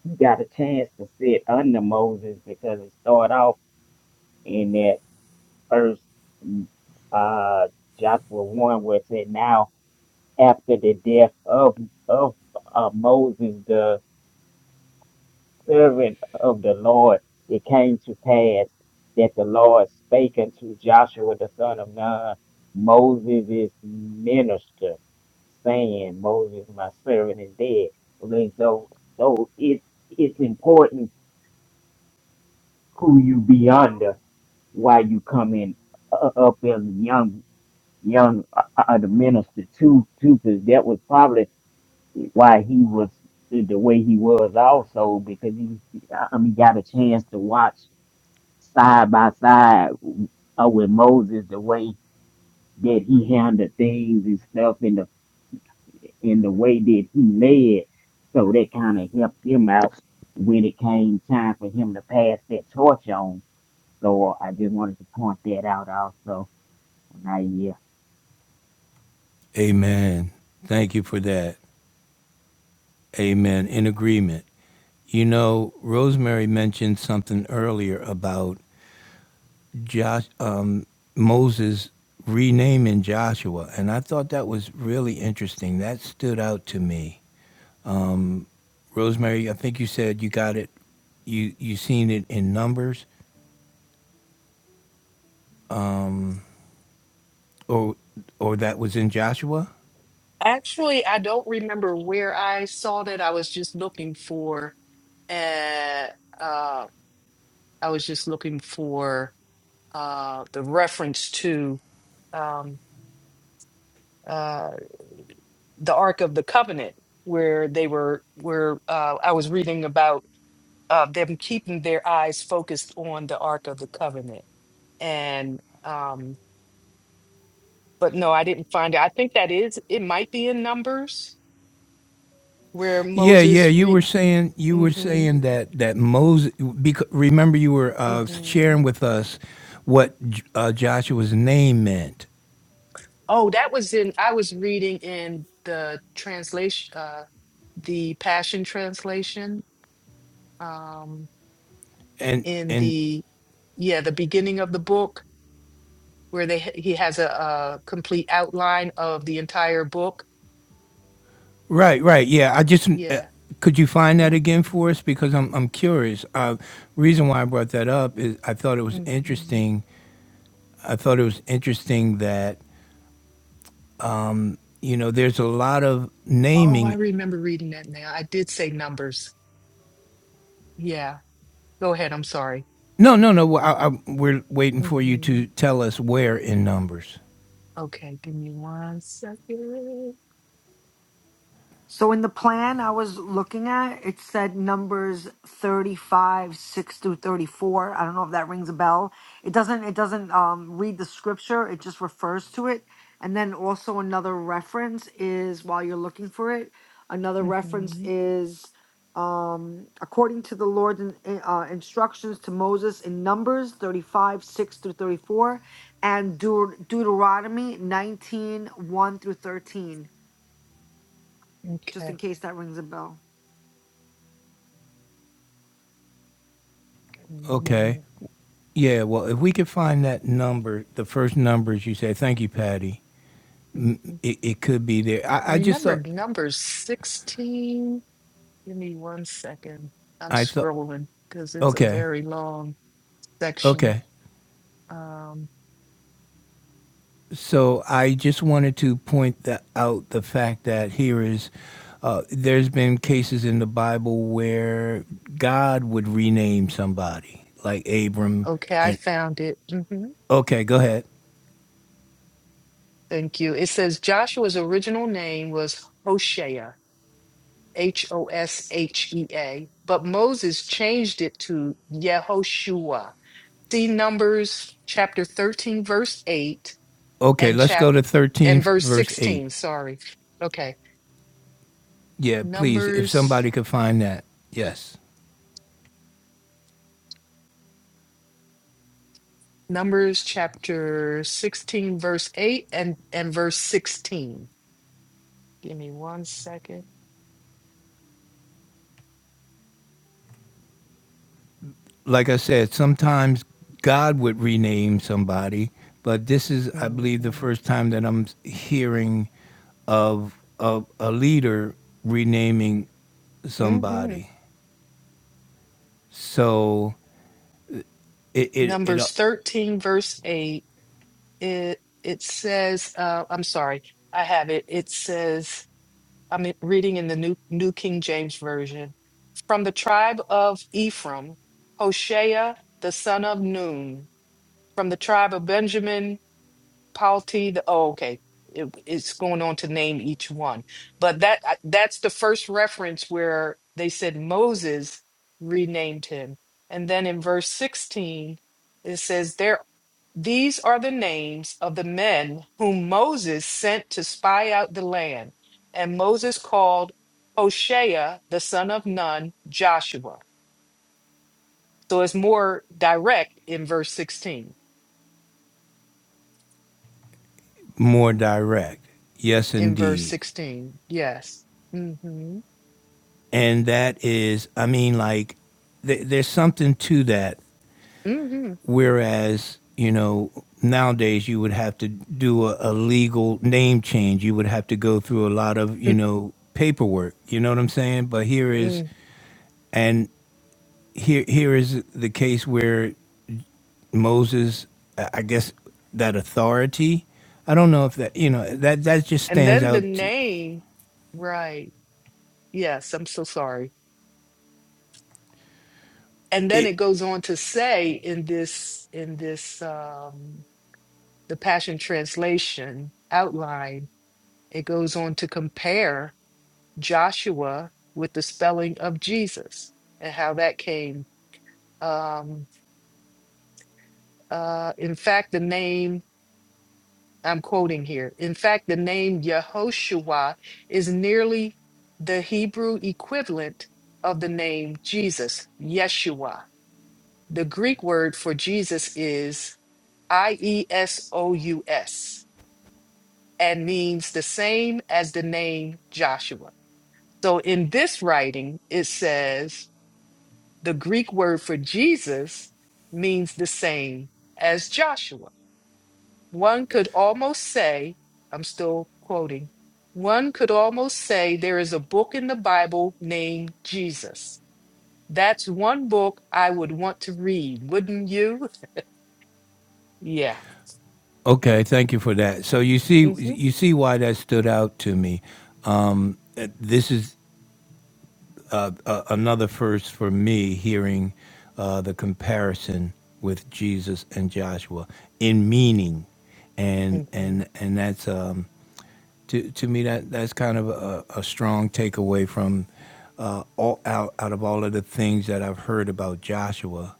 [SPEAKER 5] you got a chance to sit under Moses because it started off in that first mm, uh Joshua one where it said now after the death of of uh, Moses the servant of the Lord it came to pass that the Lord spake unto Joshua the son of Nun Moses' minister saying Moses my servant is dead. And so so it it's important who you be under while you come in uh, uh, up as a young young uh, uh, uh, the minister too too because that was probably why he was the way he was also because he I mean got a chance to watch side by side uh, with Moses the way that he handled things and stuff and in the way that he led. So that kind of helped him out when it came time for him to pass that torch on. So I just wanted to point that out also. And I, yeah.
[SPEAKER 1] Amen. Thank you for that. Amen. In agreement. You know, Rosemary mentioned something earlier about Josh, um, Moses renaming Joshua, and I thought that was really interesting. That stood out to me. Rosemary, I think you said you got it, you you seen it in Numbers, or or that was in Joshua.
[SPEAKER 2] actually, I don't remember where I saw that. I was just looking for. Uh, uh, I was just looking for uh, the reference to um, uh, the Ark of the Covenant, where they were, where uh, I was reading about uh, them keeping their eyes focused on the Ark of the Covenant. And, um, but no, I didn't find it. I think that is, it might be in Numbers where
[SPEAKER 1] Yeah, yeah,
[SPEAKER 2] Moses
[SPEAKER 1] you
[SPEAKER 2] re.
[SPEAKER 1] were saying you were
[SPEAKER 2] hmm
[SPEAKER 1] saying that that Moses. Because, remember, you were uh,
[SPEAKER 2] hmm
[SPEAKER 1] sharing with us what J- uh, Joshua's name meant,
[SPEAKER 2] Oh, that was in, I was reading in the translation, uh, the Passion Translation um,
[SPEAKER 1] and
[SPEAKER 2] in
[SPEAKER 1] and
[SPEAKER 2] the yeah the beginning of the book where they ha- he has a, a complete outline of the entire book.
[SPEAKER 1] Right, right. Yeah, I just uh,
[SPEAKER 2] Yeah.
[SPEAKER 1] could you find that
[SPEAKER 2] hmm
[SPEAKER 1] again for us because I'm I'm curious. Uh, reason why I brought that up is I thought it was
[SPEAKER 2] hmm
[SPEAKER 1] interesting. I thought it was interesting that you know there's a lot of
[SPEAKER 2] Oh, I
[SPEAKER 1] naming.
[SPEAKER 2] remember reading that now. I did say numbers. Yeah. Go ahead. I'm sorry.
[SPEAKER 1] No, no, no. well, I, I, we're waiting for you
[SPEAKER 2] hmm
[SPEAKER 1] to tell us where in numbers.
[SPEAKER 2] Okay. Give me one second.
[SPEAKER 3] So in the plan I was looking at, it said numbers 35, 6 through 34. I don't know if that rings a bell. It doesn't it doesn't um read the scripture, it just refers to it. And then also another reference is while you're looking for it, another reference
[SPEAKER 2] Mm-hmm.
[SPEAKER 3] is um according to the Lord's in, in- uh, instructions to Moses in numbers 35, 6 through 34 and Deut- Deuteronomy nineteen one through 13, just
[SPEAKER 2] Okay.
[SPEAKER 3] in case that rings a bell.
[SPEAKER 2] Give me one
[SPEAKER 1] Okay.
[SPEAKER 2] moment.
[SPEAKER 1] Yeah. Well, if we could find that number, the first numbers you say. Thank you, Patty.
[SPEAKER 2] hmm
[SPEAKER 1] It, it could be there.
[SPEAKER 2] I
[SPEAKER 1] I, I just
[SPEAKER 2] remember
[SPEAKER 1] thought.
[SPEAKER 2] numbers 16. Give me one second. I'm
[SPEAKER 1] I thought.
[SPEAKER 2] scrolling because it's a
[SPEAKER 1] Okay.
[SPEAKER 2] very long. section.
[SPEAKER 1] Okay.
[SPEAKER 2] Um,
[SPEAKER 1] So I just wanted to point that out the fact that here is, uh, there's been cases in the Bible where God would rename somebody, like Abram.
[SPEAKER 2] okay, I
[SPEAKER 1] And
[SPEAKER 2] found it. hmm
[SPEAKER 1] okay, go ahead.
[SPEAKER 2] Thank you. It says Joshua's original name was Hoshea, H O S H E A, but Moses changed it to Yehoshua. See Numbers chapter 13, verse 8,
[SPEAKER 1] Okay,
[SPEAKER 2] and
[SPEAKER 1] let's
[SPEAKER 2] chap
[SPEAKER 1] go to
[SPEAKER 2] and
[SPEAKER 1] 13,
[SPEAKER 2] verse
[SPEAKER 1] verse 8.
[SPEAKER 2] 16. Sorry. Okay.
[SPEAKER 1] Yeah, please, if
[SPEAKER 2] Numbers
[SPEAKER 1] somebody could find that. Yes.
[SPEAKER 2] Numbers chapter 16, verse 8 and, and verse 16. Give me one second.
[SPEAKER 1] like I said, sometimes God would rename somebody, but this is, I believe, the
[SPEAKER 2] Mm-hmm.
[SPEAKER 1] first time that I'm hearing of of a leader renaming
[SPEAKER 2] mm-hmm.
[SPEAKER 1] somebody. So it it, it uh,
[SPEAKER 2] Numbers 13, verse 8, it, it says, uh, I'm sorry, I have it. It says, I'm in- reading in the New, New King James Version. From the tribe of Ephraim, Hoshea, the son of Nun. From the tribe of Benjamin, Palti, the, oh, okay. It, it's going on to name each one. But that uh, that's the first reference where they said Moses renamed him. And then in verse 16, it says there these are the names of the men whom Moses sent to spy out the land. And Moses called Hoshea, the son of Nun, Joshua. So it's more direct in verse 16.
[SPEAKER 1] more direct. Yes,
[SPEAKER 2] In verse
[SPEAKER 1] indeed,
[SPEAKER 2] 16, yes. hmm
[SPEAKER 1] and that is, I mean, like th- there's something to that.
[SPEAKER 2] hmm
[SPEAKER 1] Whereas, you know, nowadays you would have to do a, a legal name change. You would have to go through a lot of, you know, paperwork. You know what I'm saying? But here is,
[SPEAKER 2] Mm-mm.
[SPEAKER 1] and here here is the case where Moses, I I guess, that authority. I don't know if that, you know, that that just
[SPEAKER 2] And
[SPEAKER 1] stands
[SPEAKER 2] then the
[SPEAKER 1] out. To,
[SPEAKER 2] name, right? Yes, I'm so sorry. And then
[SPEAKER 1] it,
[SPEAKER 2] it goes on to say in this in this um the Passion Translation outline, it goes on to compare Joshua with the spelling of Jesus and how that came. Um uh in fact the name I'm quoting here. In fact, the name Yehoshua is nearly the Hebrew equivalent of the name Jesus, Yeshua. The Greek word for Jesus is I E S O U S and means the same as the name Joshua. So in this writing, it says the Greek word for Jesus means the same as Joshua. One could almost say, I'm still quoting, one could almost say there is a book in the Bible named Jesus. That's one book I would want to read, wouldn't you? Yeah.
[SPEAKER 1] okay, thank you for that. So you see,
[SPEAKER 2] Mm-hmm.
[SPEAKER 1] you see why that stood out to me. Um, uh, this is uh, another first for me hearing uh, the comparison with Jesus and Joshua in meaning, and
[SPEAKER 2] Mm-hmm.
[SPEAKER 1] and and that's um, to to me that that's kind of a, a strong takeaway from uh, all out out of all of the things that I've heard about Joshua,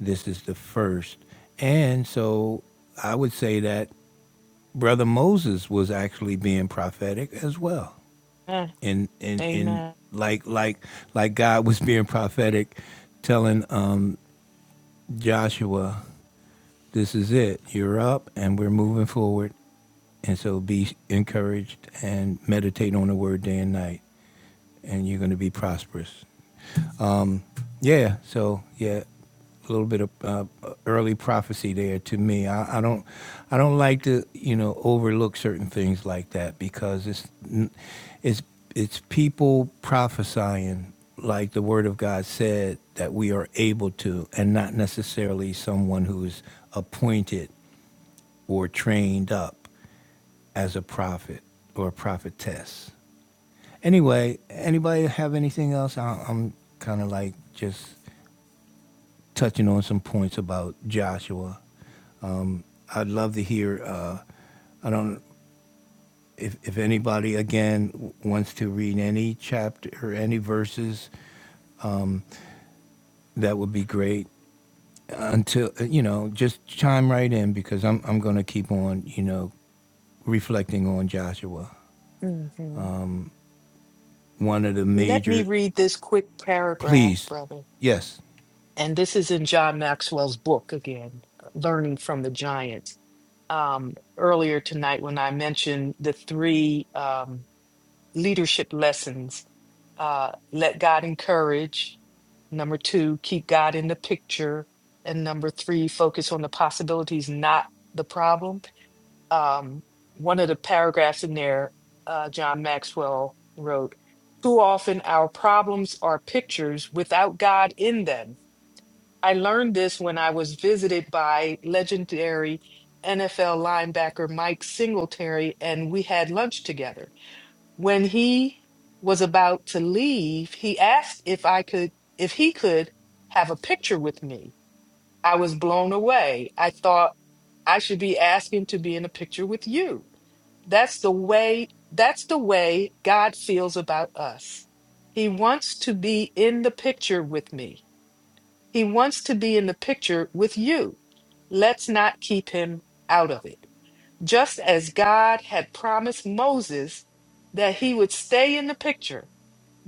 [SPEAKER 1] this is the first, and so I would say that brother Moses was actually being prophetic as well
[SPEAKER 2] Ah,
[SPEAKER 1] and and and
[SPEAKER 2] amen.
[SPEAKER 1] like like like God was being prophetic, telling um, Joshua, "This is it. You're up, and we're moving forward. And so be encouraged and meditate on the word day and night, and you're going to be prosperous." Yeah. So yeah, a little bit of uh, early prophecy there to me. I, I don't, I don't like to you know overlook certain things like that because it's, n- it's it's people prophesying like the Word of God said that we are able to, and not necessarily someone who's appointed or trained up as a prophet or a prophetess. Anyway, anybody have anything else? I, I'm kind of like just touching on some points about Joshua. Um, I'd love to hear. Uh, I don't if if anybody again wants to read any chapter or any verses. That would be great. Until uh, you know, just chime right in because I'm I'm going to keep on you know reflecting on Joshua.
[SPEAKER 2] hmm
[SPEAKER 1] One of the
[SPEAKER 2] Let me
[SPEAKER 1] major.
[SPEAKER 2] read this quick paragraph,
[SPEAKER 1] Please,
[SPEAKER 2] brother.
[SPEAKER 1] yes,
[SPEAKER 2] And this is in John Maxwell's book again, Learning from the Giants. Um, earlier tonight, when I mentioned the three um, leadership lessons uh, let God encourage. Number two, keep God in the picture. And number three, focus on the possibilities, not the problem. Um, one of the paragraphs in there, uh, John Maxwell wrote, Too often our problems are pictures without God in them. I learned this when I was visited by legendary NFL linebacker Mike Singletary, and we had lunch together. When he was about to leave, he asked if I could, if he could have a picture with me. I was blown away. I thought I should be asking to be in a picture with you. That's the way, that's the way God feels about us. He wants to be in the picture with me. He wants to be in the picture with you. Let's not keep him out of it just as God had promised Moses that he would stay in the picture.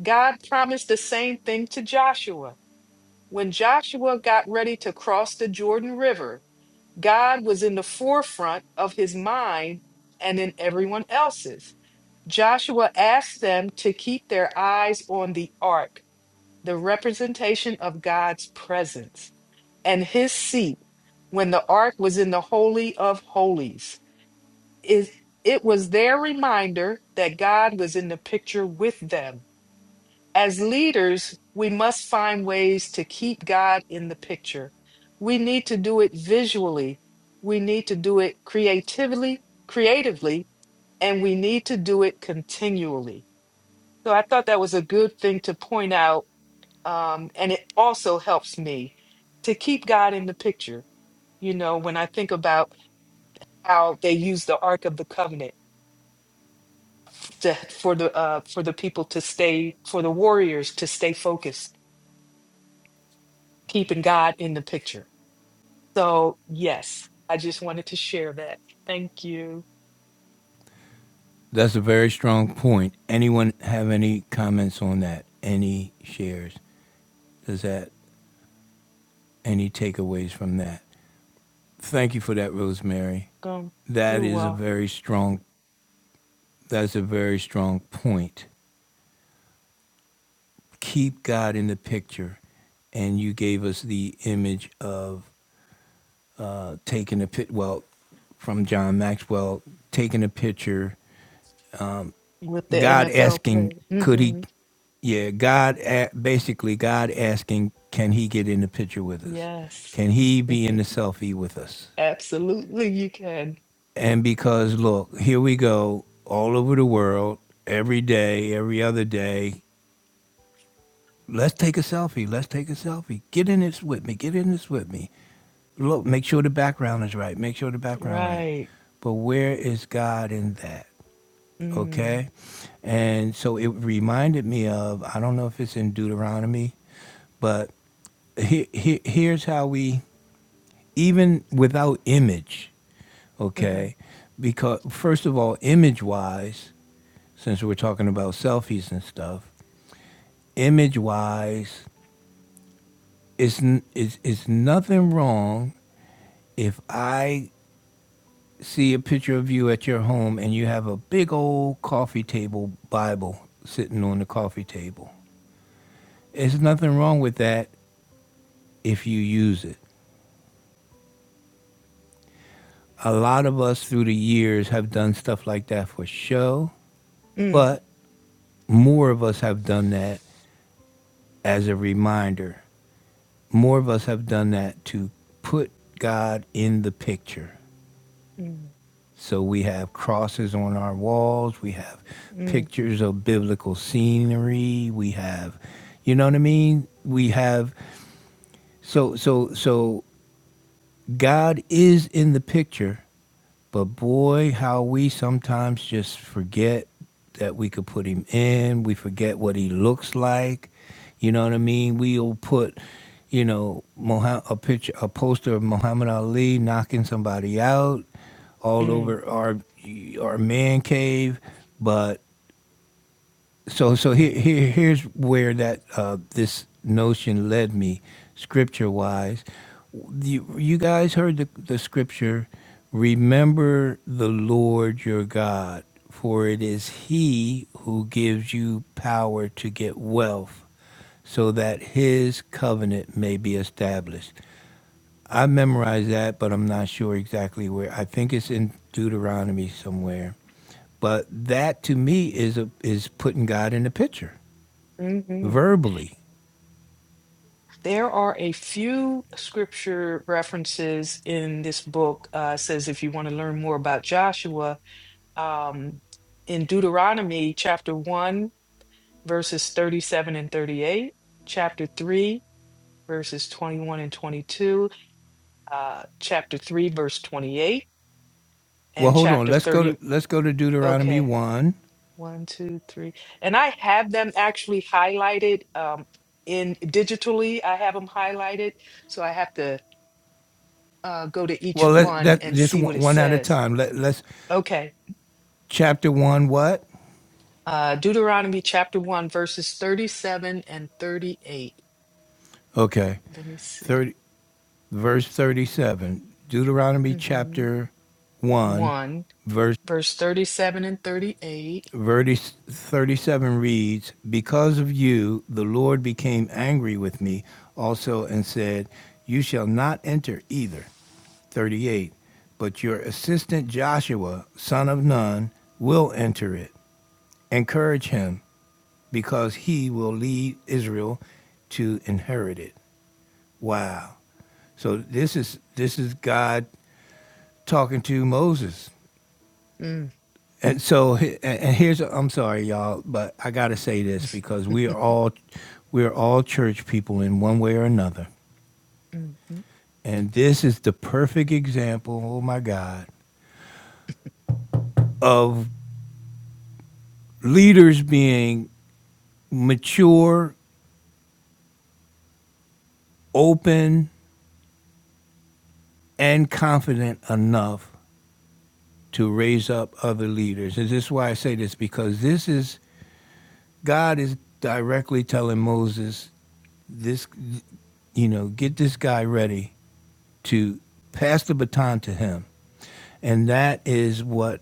[SPEAKER 2] God promised the same thing to Joshua. When Joshua got ready to cross the Jordan River, God was in the forefront of his mind and in everyone else's. Joshua asked them to keep their eyes on the ark, the representation of God's presence, and his seat when the ark was in the Holy of Holies is it was their reminder that God was in the picture with them. As leaders, we must find ways to keep God in the picture. We need to do it visually. We need to do it creatively, creatively, and we need to do it continually. So I thought that was a good thing to point out. Um, and it also helps me to keep God in the picture. You know, when I think about how they use the Ark of the Covenant to for the uh for the people to stay for the warriors to stay focused keeping god in the picture so yes i just wanted to share that thank you
[SPEAKER 1] that's a very strong point. Anyone have any comments on that? Any shares? Does that any takeaways from that? Thank you for that, Rosemary.
[SPEAKER 2] um
[SPEAKER 1] That
[SPEAKER 2] you're
[SPEAKER 1] is a
[SPEAKER 2] welcome
[SPEAKER 1] very strong that's a very strong point. Keep God in the picture. And you gave us the image of uh, taking a pit well from John Maxwell, taking a picture,
[SPEAKER 2] with the
[SPEAKER 1] God
[SPEAKER 2] nfl
[SPEAKER 1] asking,
[SPEAKER 2] player
[SPEAKER 1] could he
[SPEAKER 2] hmm
[SPEAKER 1] yeah, God a- basically God asking, can he get in the picture with us?
[SPEAKER 2] yes
[SPEAKER 1] Can he be in the selfie with us?
[SPEAKER 2] absolutely you can
[SPEAKER 1] And because, look, here we go all over the world, every day, every other day. Let's take a selfie. Let's take a selfie. Get in this with me. Get in this with me. Look, make sure the background is right. Make sure the background right.
[SPEAKER 2] right
[SPEAKER 1] But where is God in that?
[SPEAKER 2] mm,
[SPEAKER 1] Okay? And so it reminded me of, I don't know if it's in Deuteronomy, but he, he, here's how we, even without image,
[SPEAKER 2] hmm
[SPEAKER 1] okay? Because, first of all, image wise, since we're talking about selfies and stuff, image wise, it's, it's, it's nothing wrong if I see a picture of you at your home and you have a big old coffee table Bible sitting on the coffee table. There's nothing wrong with that if you use it. A lot of us through the years have done stuff like that for show,
[SPEAKER 2] mm,
[SPEAKER 1] but more of us have done that as a reminder. More of us have done that to put God in the picture.
[SPEAKER 2] mm,
[SPEAKER 1] So we have crosses on our walls. We have
[SPEAKER 2] mm,
[SPEAKER 1] pictures of biblical scenery. We have, you know what I mean? We have so so so God is in the picture but boy, how we sometimes just forget that we could put him in. We forget what he looks like. You know what I mean? We'll put, you know, Moha- a picture, a poster of Muhammad Ali knocking somebody out all
[SPEAKER 2] mm.
[SPEAKER 1] over our our man cave, but so so here, here here's where that uh, this notion led me scripture wise you, you guys heard the, the scripture remember the lord your god for it is he who gives you power to get wealth so that his covenant may be established i memorized that but i'm not sure exactly where i think it's in deuteronomy somewhere but that to me is a, is putting god in the picture
[SPEAKER 2] hmm
[SPEAKER 1] verbally.
[SPEAKER 2] There are a few scripture references in this book. Uh, it says if you want to learn more about Joshua, um, in Deuteronomy chapter 1, verses 37 and 38, chapter 3, verses 21 and 22, uh, chapter 3, verse 28,
[SPEAKER 1] Well,
[SPEAKER 2] and
[SPEAKER 1] hold on.
[SPEAKER 2] chapter
[SPEAKER 1] Let's go to
[SPEAKER 2] 30.
[SPEAKER 1] let's go to Deuteronomy
[SPEAKER 2] Okay,
[SPEAKER 1] one.
[SPEAKER 2] one, two, three. And I have them actually highlighted um, in digitally, I have them highlighted. So I have to uh, go to each
[SPEAKER 1] Well, let
[SPEAKER 2] one
[SPEAKER 1] that
[SPEAKER 2] and
[SPEAKER 1] just
[SPEAKER 2] see what
[SPEAKER 1] one,
[SPEAKER 2] it
[SPEAKER 1] one at a
[SPEAKER 2] says.
[SPEAKER 1] time. Let let's
[SPEAKER 2] Okay.
[SPEAKER 1] chapter one. What?
[SPEAKER 2] Uh, Deuteronomy chapter 1, verses 37 and 38.
[SPEAKER 1] Okay,
[SPEAKER 2] Let me see.
[SPEAKER 1] thirty verse thirty seven. Deuteronomy
[SPEAKER 2] hmm
[SPEAKER 1] chapter one,
[SPEAKER 2] 1,
[SPEAKER 1] verse
[SPEAKER 2] verse 37 and 38.
[SPEAKER 1] verse 37 reads, Because of you, the Lord became angry with me also and said, 'You shall not enter either. 38. But your assistant Joshua, son of Nun, will enter it. Encourage him, because he will lead Israel to inherit it. Wow. So this is this is God talking to Moses.
[SPEAKER 2] Mm.
[SPEAKER 1] And so, and and here's, I'm sorry, y'all, but I got to say this because we are all, we are all church people in one way or another.
[SPEAKER 2] hmm
[SPEAKER 1] And this is the perfect example, oh my God, of leaders being mature, open, and confident enough to raise up other leaders. And this is why I say this because this is, God is directly telling Moses, this, you know, get this guy ready to pass the baton to him, and that is what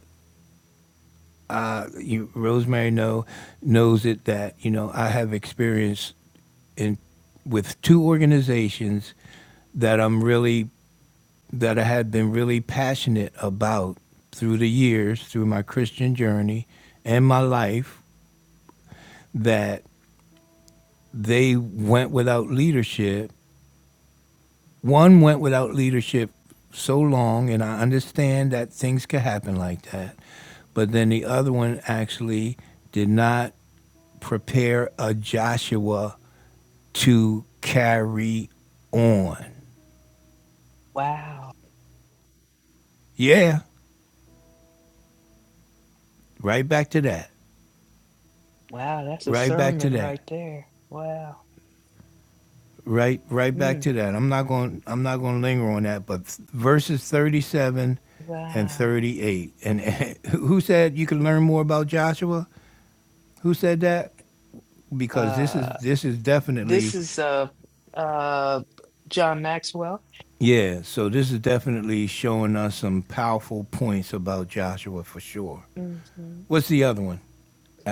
[SPEAKER 1] uh, you, Rosemary know knows it that you know I have experience in with two organizations that I'm really that I have been really passionate about through the years, through my Christian journey and my life, that they went without leadership one went without leadership so long, and I understand that things could happen like that, but then the other one actually did not prepare a Joshua to carry on.
[SPEAKER 2] Wow.
[SPEAKER 1] Yeah, right back to that.
[SPEAKER 2] Wow, that's a
[SPEAKER 1] Right back to
[SPEAKER 2] sermon right
[SPEAKER 1] that.
[SPEAKER 2] there. Wow.
[SPEAKER 1] Right, right back
[SPEAKER 2] Mm.
[SPEAKER 1] to that. I'm not going. I'm not going to linger on that. But verses 37 and
[SPEAKER 2] Wow.
[SPEAKER 1] 38. And, and who said you can learn more about Joshua? Who said that? because this
[SPEAKER 2] Uh,
[SPEAKER 1] is this is
[SPEAKER 2] this
[SPEAKER 1] definitely
[SPEAKER 2] is uh, uh, John Maxwell.
[SPEAKER 1] yeah. So this is definitely showing us some powerful points about Joshua for sure.
[SPEAKER 2] hmm
[SPEAKER 1] What's the other one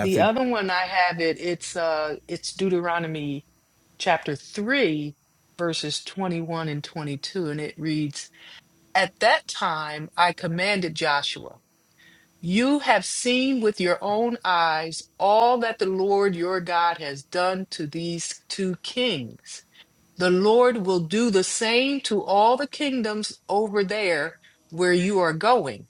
[SPEAKER 2] The other one I have it, it's uh, it's Deuteronomy chapter 3, verses 21 and 22, and it reads, At that time I commanded Joshua. You have seen with your own eyes all that the Lord your God has done to these two kings. The Lord will do the same to all the kingdoms over there where you are going.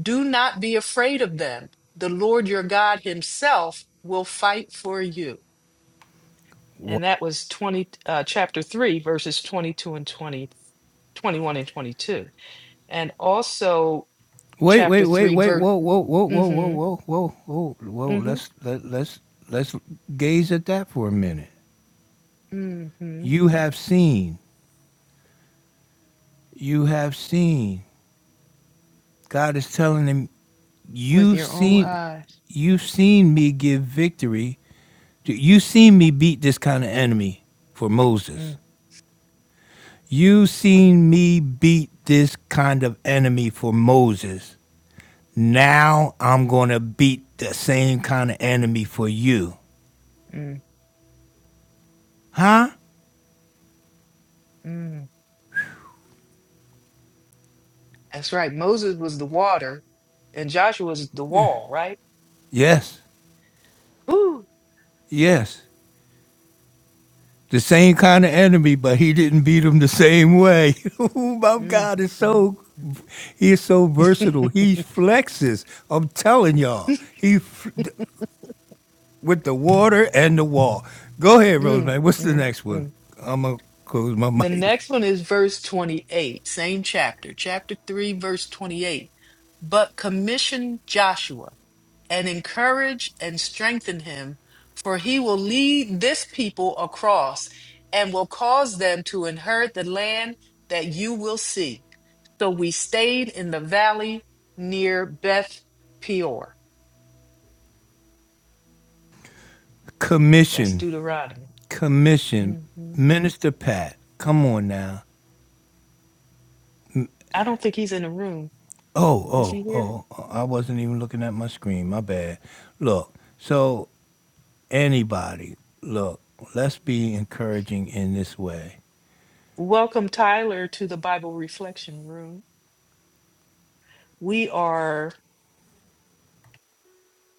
[SPEAKER 2] Do not be afraid of them. The Lord your God himself will fight for you. And that was 20 uh, chapter 3 verses 22 and 20 21 and 22. And also
[SPEAKER 1] Wait,
[SPEAKER 2] chapter
[SPEAKER 1] wait, wait,
[SPEAKER 2] 3
[SPEAKER 1] wait.
[SPEAKER 2] verse
[SPEAKER 1] Whoa, whoa, whoa, whoa, whoa,
[SPEAKER 2] mhm
[SPEAKER 1] whoa, whoa, whoa, whoa. Let's let let's let's gaze at that for a minute.
[SPEAKER 2] hmm
[SPEAKER 1] You have seen. You have seen. God is telling him,
[SPEAKER 2] With
[SPEAKER 1] you've
[SPEAKER 2] your own
[SPEAKER 1] seen
[SPEAKER 2] eyes.
[SPEAKER 1] you've seen me give victory. to- You've seen me beat this kind of enemy for Moses.
[SPEAKER 2] Mm,
[SPEAKER 1] You seen me beat this kind of enemy for Moses. Now I'm going to beat the same kind of enemy for you.
[SPEAKER 2] mm,
[SPEAKER 1] Huh?
[SPEAKER 2] mm. That's right. Moses was the water and Joshua was the wall, right?
[SPEAKER 1] Yes.
[SPEAKER 2] Woo!
[SPEAKER 1] Yes. The same kind of enemy, but he didn't beat him the same way. oh my
[SPEAKER 2] Mm,
[SPEAKER 1] God, is
[SPEAKER 2] mm,
[SPEAKER 1] so
[SPEAKER 2] mm.
[SPEAKER 1] he is so versatile. He flexes. I'm telling y'all. He f- with the water and the wall. Go ahead,
[SPEAKER 2] Mm,
[SPEAKER 1] Rosemary. What's the
[SPEAKER 2] mm,
[SPEAKER 1] next
[SPEAKER 2] mm.
[SPEAKER 1] one? I'm gonna close my
[SPEAKER 2] The
[SPEAKER 1] mic.
[SPEAKER 2] next one is verse 28, same chapter, chapter 3, verse 28. But commission Joshua and encourage and strengthen him, for he will lead this people across and will cause them to inherit the land that you will see. So we stayed in the valley near Beth Peor. That's
[SPEAKER 1] Commission.
[SPEAKER 2] Deuteronomy.
[SPEAKER 1] commission,
[SPEAKER 2] hmm
[SPEAKER 1] Minister Pat. Come on now.
[SPEAKER 2] I don't think he's in the room. Is
[SPEAKER 1] Oh,
[SPEAKER 2] he here?
[SPEAKER 1] oh, oh! I wasn't even looking at my screen. My bad. Look. So anybody, look. Let's be encouraging in this way.
[SPEAKER 2] Welcome, Tyler, to the Bible Reflection Room. We are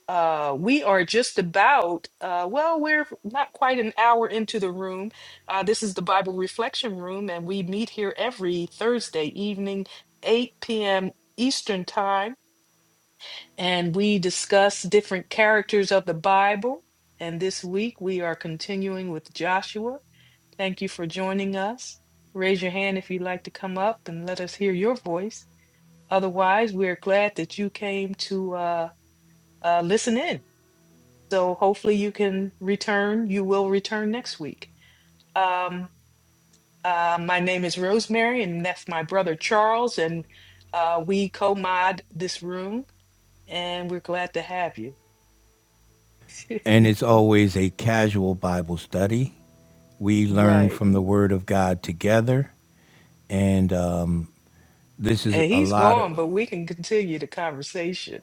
[SPEAKER 2] uh we are just about uh well we're not quite an hour into the room. Uh this is the Bible Reflection Room and we meet here every Thursday evening 8 p.m. Eastern Time and we discuss different characters of the Bible. And this week we are continuing with Joshua. Thank you for joining us. Raise your hand if you'd like to come up and let us hear your voice. Otherwise, we're glad that you came to uh, uh, listen in. So hopefully you can return. You will return next week. Um, uh, my name is Rosemary, and that's my brother Charles, and uh, we co-mod this room, and we're glad to have you.
[SPEAKER 1] And it's always a casual Bible study. We learn
[SPEAKER 2] Right.
[SPEAKER 1] from the Word of God together, and um, this is
[SPEAKER 2] And
[SPEAKER 1] a
[SPEAKER 2] he's
[SPEAKER 1] lot of
[SPEAKER 2] gone, but we can continue the conversation.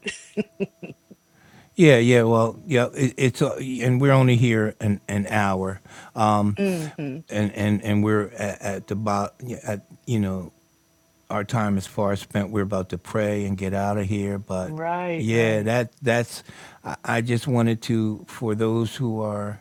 [SPEAKER 1] Yeah, yeah. Well, yeah. It, it's uh, and we're only here an an hour, um,
[SPEAKER 2] hmm
[SPEAKER 1] and and and we're at, at the bo- yeah, at you know our time is far spent. We're about to pray and get out of here. But
[SPEAKER 2] Right,
[SPEAKER 1] yeah,
[SPEAKER 2] right.
[SPEAKER 1] that that's. I, I just wanted to for those who are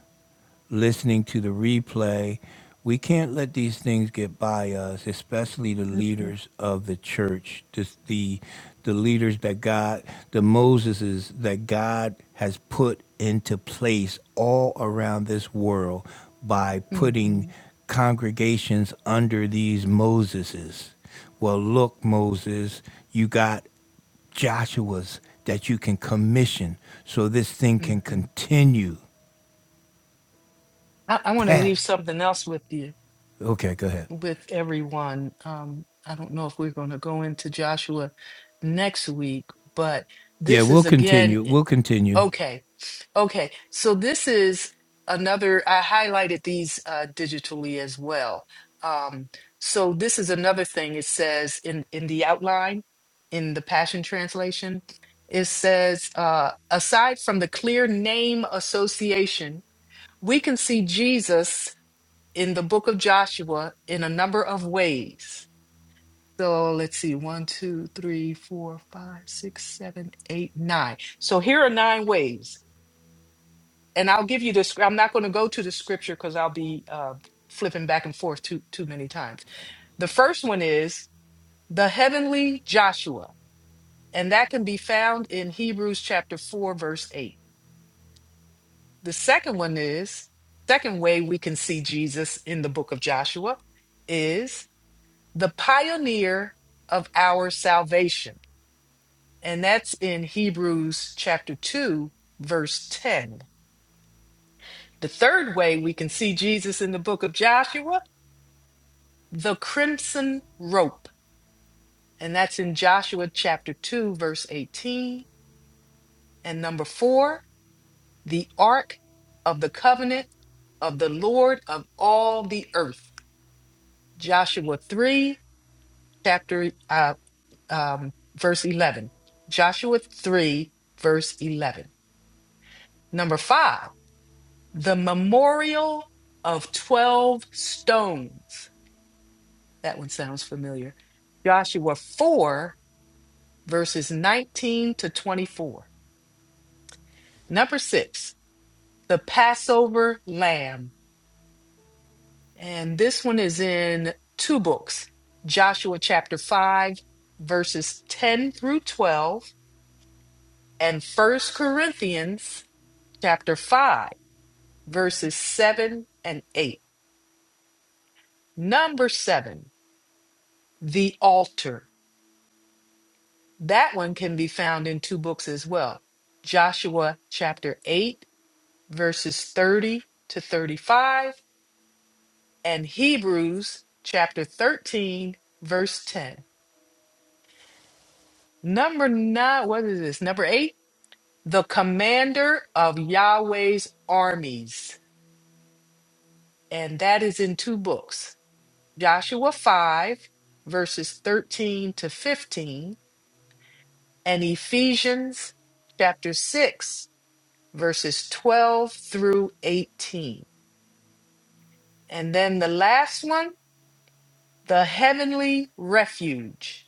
[SPEAKER 1] listening to the replay. We can't let these things get by us, especially the
[SPEAKER 2] Mm-mm,
[SPEAKER 1] leaders of the church, this, the the leaders that God, the Moseses that God has put into place all around this world by putting
[SPEAKER 2] mm-mm,
[SPEAKER 1] congregations under these Moseses. Well, look, Moses, you got Joshua's that you can commission so this thing can
[SPEAKER 2] mm-mm.
[SPEAKER 1] continue.
[SPEAKER 2] I, I want to leave
[SPEAKER 1] Pat.
[SPEAKER 2] something else with you.
[SPEAKER 1] Okay, go ahead.
[SPEAKER 2] with everyone. Um, I don't know if we're going to go into Joshua next week, but
[SPEAKER 1] Yeah,
[SPEAKER 2] this
[SPEAKER 1] we'll
[SPEAKER 2] is again,
[SPEAKER 1] continue. We'll continue.
[SPEAKER 2] okay. Okay. So this is another, I highlighted these uh, digitally as well. Um, so this is another thing it says in, in the outline, in the Passion Translation, it says, uh, aside from the clear name association, we can see Jesus in the book of Joshua in a number of ways. So let's see, one, two, three, four, five, six, seven, eight, nine. So here are nine ways. And I'll give you this. I'm not going to go to the scripture because I'll be uh, flipping back and forth too, too many times. The first one is the heavenly Joshua, and that can be found in Hebrews chapter 4, verse 8. The second one is, second way we can see Jesus in the book of Joshua is. the pioneer of our salvation. And that's in Hebrews chapter 2, verse 10. The third way we can see Jesus in the book of Joshua, the crimson rope. And that's in Joshua chapter 2, verse 18. And number four, the ark of the covenant of the Lord of all the earth. Joshua 3, chapter, uh, um, verse 11. Joshua 3, verse 11. Number five, the memorial of 12 stones. That one sounds familiar. Joshua 4, verses 19 to 24. Number six, the Passover lamb. And this one is in two books Joshua chapter 5, verses 10 through 12, and First Corinthians chapter 5, verses 7 and 8. Number seven, the altar. That one can be found in two books as well Joshua chapter 8, verses 30 to 35, and Hebrews chapter 13, verse 10. Number nine, what is this? Number eight, the commander of Yahweh's armies. And that is in two books Joshua 5, verses 13 to 15, and Ephesians chapter 6 verses 12 through 18. And then the last one, the heavenly refuge.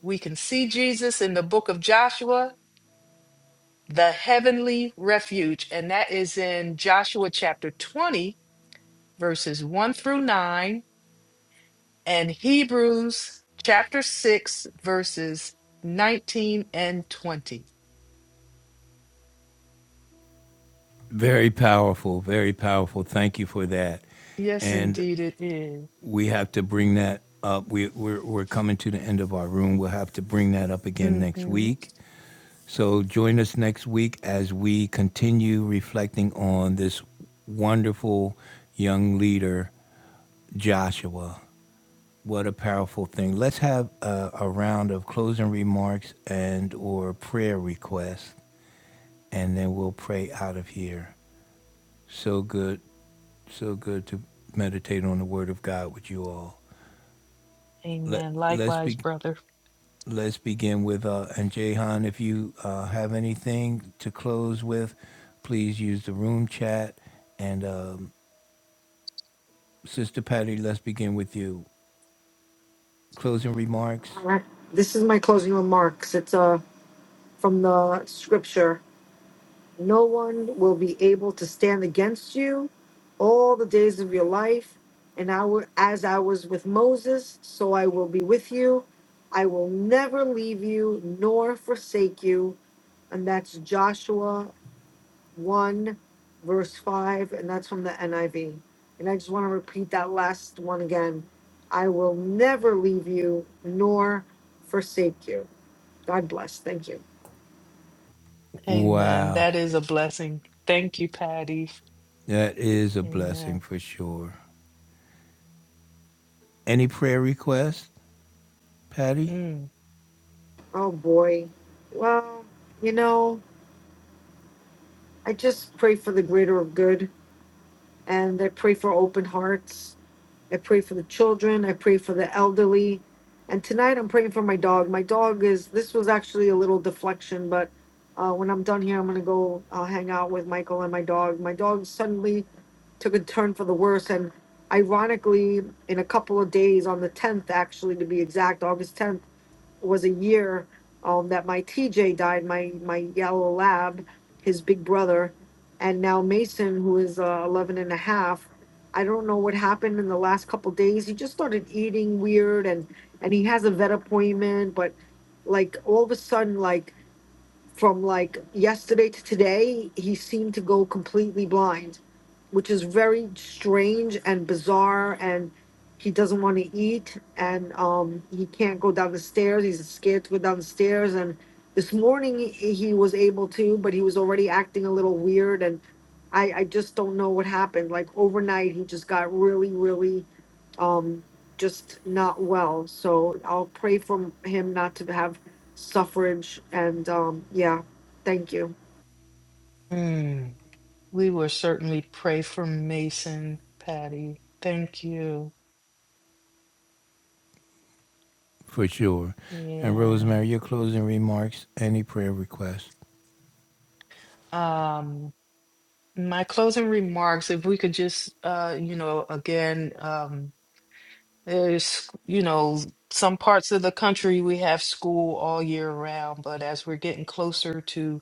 [SPEAKER 2] We can see Jesus in the book of Joshua, the heavenly refuge. And that is in Joshua chapter 20, verses 1 through 9, and Hebrews chapter 6, verses 19 and 20.
[SPEAKER 1] Very powerful, very powerful. Thank you for that.
[SPEAKER 2] Yes,
[SPEAKER 1] And
[SPEAKER 2] indeed, it is.
[SPEAKER 1] we have to bring that up. We, we're, we're coming to the end of our room. We'll have to bring that up again next
[SPEAKER 2] Mhm.
[SPEAKER 1] week. So join us next week as we continue reflecting on this wonderful young leader, Joshua. What a powerful thing. Let's have a, a round of closing remarks and or prayer requests and then we'll pray out of here. So good, so good to meditate on the Word of God with you all. Let
[SPEAKER 2] Amen.
[SPEAKER 1] let's
[SPEAKER 2] Likewise,
[SPEAKER 1] be
[SPEAKER 2] brother.
[SPEAKER 1] let's begin with uh, and Jahan, if you uh, have anything to close with, please use the room chat. And um, Sister Patty, let's begin with you. Closing remarks.
[SPEAKER 3] Alright, This is my closing remarks. It's uh, from the scripture No one will be able to stand against you all the days of your life. And I will, as I was with Moses, so I will be with you. I will never leave you nor forsake you. And that's Joshua 1, verse 5. And that's from the NIV. And I just want to repeat that last one again I will never leave you nor forsake you. God bless. Thank you.
[SPEAKER 2] Amen.
[SPEAKER 1] Wow,
[SPEAKER 2] That is a blessing. Thank you, Patty.
[SPEAKER 1] that is a blessing
[SPEAKER 2] Amen.
[SPEAKER 1] for sure. Any prayer requests, Patty?
[SPEAKER 2] Mm,
[SPEAKER 3] Oh boy. Well, you know, I just pray for the greater of good and I pray for open hearts. I pray for the children. I pray for the elderly. And tonight I'm praying for my dog. My dog is, this was actually a little deflection, but uh, when I'm done here, I'm going to go uh, hang out with Michael and my dog. My dog suddenly took a turn for the worse. And ironically, in a couple of days, on the 10th, actually, to be exact, August 10th, was a year um, that my TJ died, my my yellow lab, his big brother, and now Mason, who is uh, 11 and a half. I don't know what happened in the last couple days. He just started eating weird, and and he has a vet appointment, but like all of a sudden, like from like yesterday to today, he seemed to go completely blind, which is very strange and bizarre. And he doesn't want to eat, and um, he can't go down the stairs. He's scared to go down the stairs. And this morning he he was able to, but he was already acting a little weird. And I, I just don't know what happened. Like overnight, he just got really, really, um, just not well. So I'll pray for him not to have suffrage and um yeah thank you
[SPEAKER 2] mm. We will certainly pray for Mason, Patty. Thank you.
[SPEAKER 1] for sure. And
[SPEAKER 2] Yeah.
[SPEAKER 1] Rosemary, your closing remarks, any prayer requests.
[SPEAKER 2] Um, my closing remarks, if we could just, uh, you know, again, um, there's, you know, some parts of the country we have school all year round, but as we're getting closer to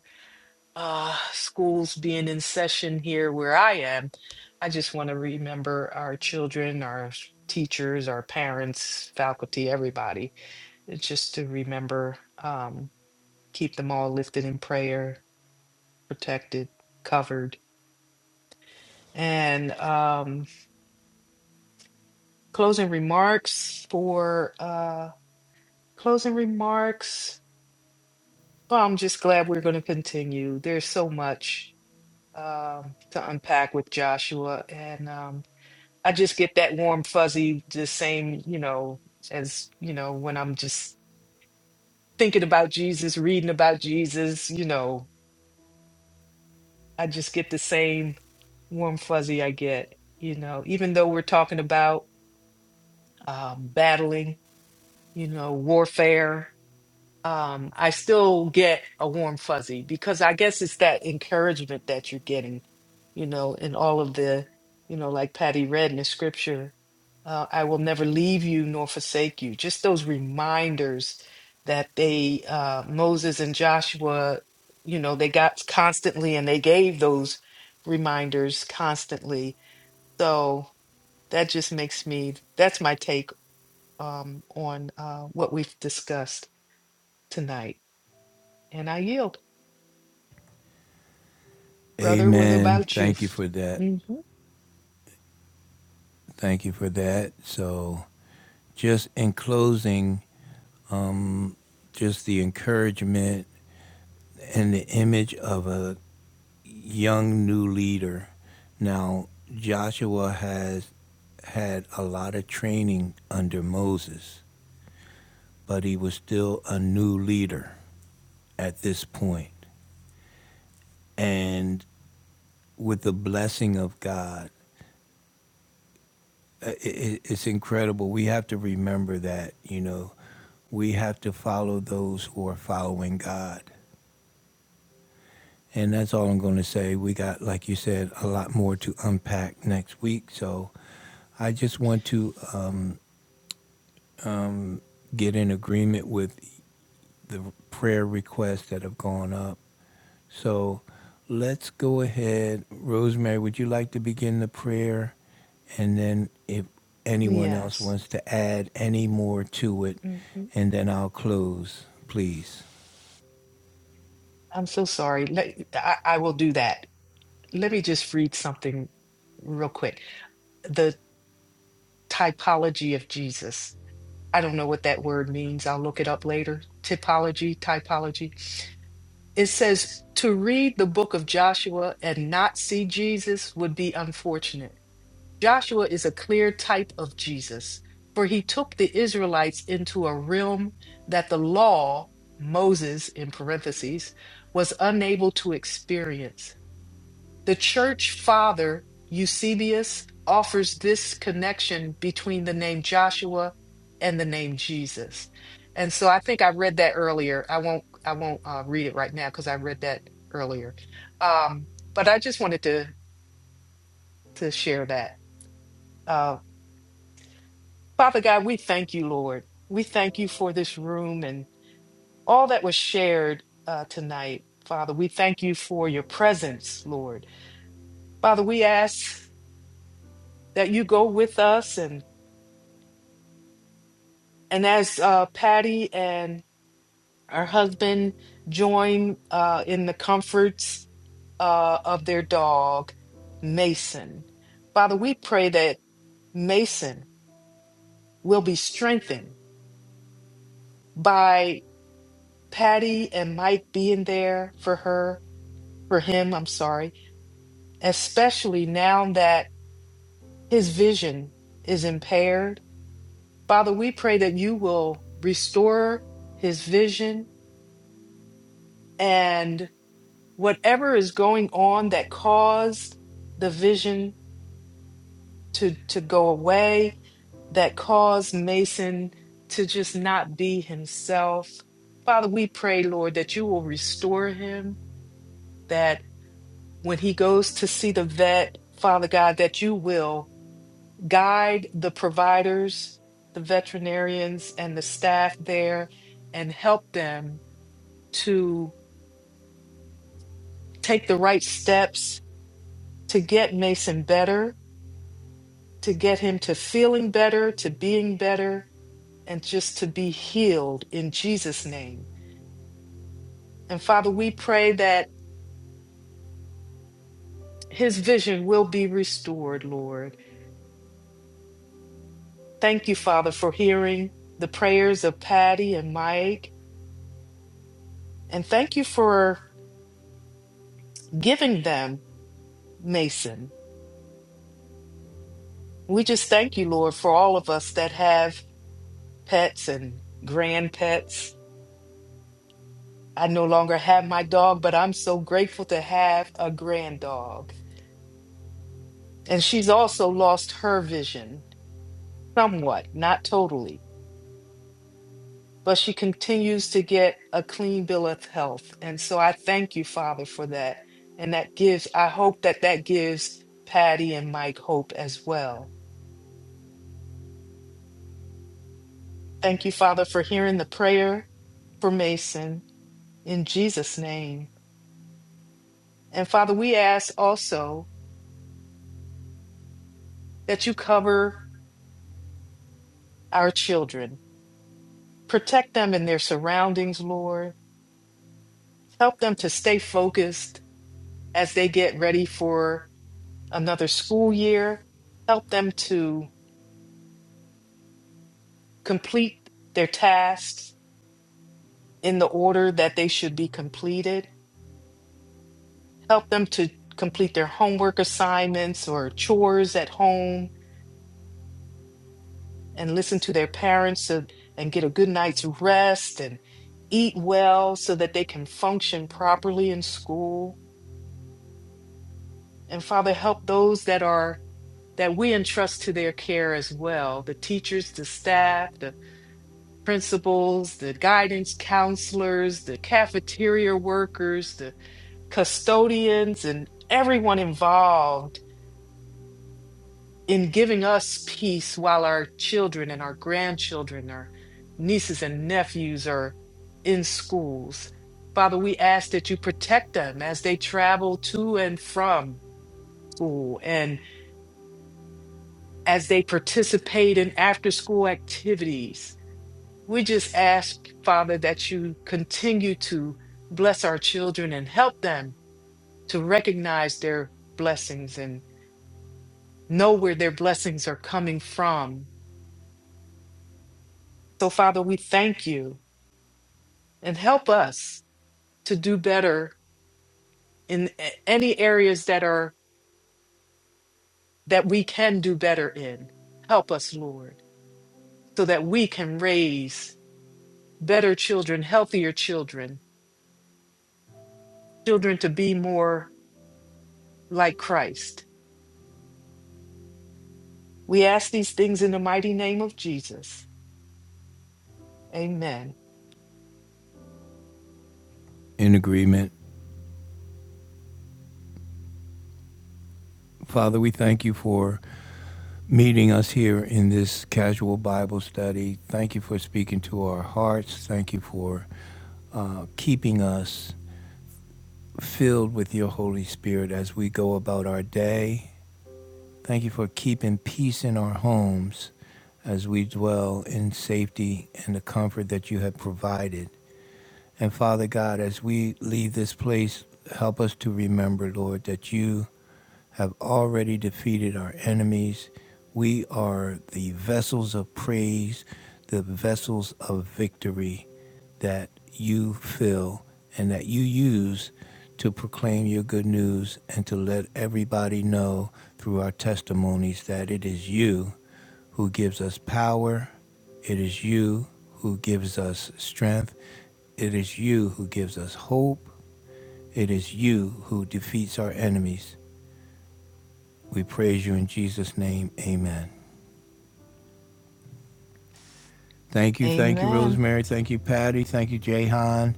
[SPEAKER 2] uh, schools being in session here where I am, I just want to remember our children, our s- teachers, our parents, faculty, everybody, It's just to remember, um, keep them all lifted in prayer, protected, covered. And um, closing remarks for uh, closing remarks. Well, I'm just glad we're going to continue. There's so much um, to unpack with Joshua, and um, I just get that warm fuzzy, the same, you know, as, you know, when I'm just thinking about Jesus, reading about Jesus, you know, I just get the same warm fuzzy I get, you know, even though we're talking about um, battling, you know, warfare. um, I still get a warm fuzzy because I guess it's that encouragement that you're getting, you know, in all of the, you know, like Patty read in the scripture, uh, I will never leave you nor forsake you. Just those reminders that they, uh, Moses and Joshua, you know, they got constantly and they gave those reminders constantly. So that just makes me, that's my take um, on uh, what we've discussed tonight. And I yield. Brother, what
[SPEAKER 1] Amen.
[SPEAKER 2] about you?
[SPEAKER 1] Thank you for that.
[SPEAKER 2] hmm
[SPEAKER 1] Thank you for that. So, just in closing, just the encouragement and the image of a young new leader. Now, Joshua has had a lot of training under Moses, but he was still a new leader at this point. And with the blessing of God, it's incredible. We have to remember that, you know, we have to follow those who are following God. And that's all I'm going to say. We got, like you said, a lot more to unpack next week. So I just want to uh, get in agreement with the prayer requests that have gone up So let's go ahead. Rosemary, would you like to begin the prayer? And then if anyone else
[SPEAKER 2] Yes.
[SPEAKER 1] wants to add any more to it,
[SPEAKER 2] hmm
[SPEAKER 1] and then I'll close, please.
[SPEAKER 2] I'm so sorry. Let, I, I will do that. Let me just read something real quick. The typology of Jesus. I don't know what that word means. I'll look it up later. Typology, typology. It says to read the book of Joshua and not see Jesus would be unfortunate. Joshua is a clear type of Jesus, for he took the Israelites into a realm that the law, Moses in parentheses, was unable to experience. The church father, Eusebius, offers this connection between the name Joshua and the name Jesus. And so I think I read that earlier. I won't I won't uh, read it right now because I read that earlier. Um, but I just wanted to to share that. Um, Father God, we thank you, Lord. We thank you for this room and all that was shared uh, tonight. Father, we thank you for your presence, Lord. Father, we ask that you go with us and and as uh, Patty and her husband join uh, in the comforts uh, of their dog, Mason. Father, we pray that Mason will be strengthened by Patty and Mike being there for her for him, I'm sorry, especially now that his vision is impaired. Father, we pray that you will restore his vision and whatever is going on that caused the vision to, to go away, that caused Mason to just not be himself. Father, we pray, Lord, that you will restore him, that when he goes to see the vet, Father God, that you will. guide the providers, the veterinarians, and the staff there and help them to take the right steps to get Mason better, to get him to feeling better, to being better, and just to be healed in Jesus' name. And Father, we pray that his vision will be restored, Lord. Thank you, Father, for hearing the prayers of Patty and Mike. And thank you for giving them Mason We just thank you, Lord, for all of us that have pets and grand pets. I no longer have my dog, but I'm so grateful to have a grand dog. And she's also lost her vision somewhat, not totally, but she continues to get a clean bill of health. And so I thank you, Father, for that. And that gives, I hope that that gives Patty and Mike hope as well. Thank you, Father, for hearing the prayer for Mason in Jesus' name. And Father, we ask also that you cover our children, protect them in their surroundings, Lord. Help them to stay focused as they get ready for another school year. Help them to complete their tasks in the order that they should be completed. Help them to complete their homework assignments or chores at home and listen to their parents so- and get a good night's rest and eat well so that they can function properly in school. And Father, help those that are that we entrust to their care as well the teachers, the staff, the principals, the guidance counselors, the cafeteria workers, the custodians, and everyone involved in giving us peace while our children and our grandchildren, our nieces and nephews are in schools. Father, we ask that you protect them as they travel to and from school and as they participate in after school activities. We just ask, Father, that you continue to bless our children and help them to recognize their blessings and know where their blessings are coming from. So, Father, we thank you and help us to do better in a- any areas that are that we can do better in help us lord so that we can raise better children healthier children children to be more like christ we ask these things in the mighty name of jesus amen
[SPEAKER 1] In agreement. Father, we thank you for meeting us here in this casual Bible study. Thank you for speaking to our hearts. Thank you for uh, keeping us filled with your Holy Spirit as we go about our day Thank you for keeping peace in our homes as we dwell in safety and the comfort that you have provided. And Father God, as we leave this place, help us to remember, Lord, that you have already defeated our enemies. We are the vessels of praise, the vessels of victory that you fill and that you use to proclaim your good news and to let everybody know through our testimonies that it is you who gives us power. It is you who gives us strength. It is you who gives us hope. It is you who defeats our enemies. We praise you in Jesus' name. Amen. Thank you. Thank you,
[SPEAKER 2] amen
[SPEAKER 1] Rosemary. Thank you, Patty. Thank you, Jahan.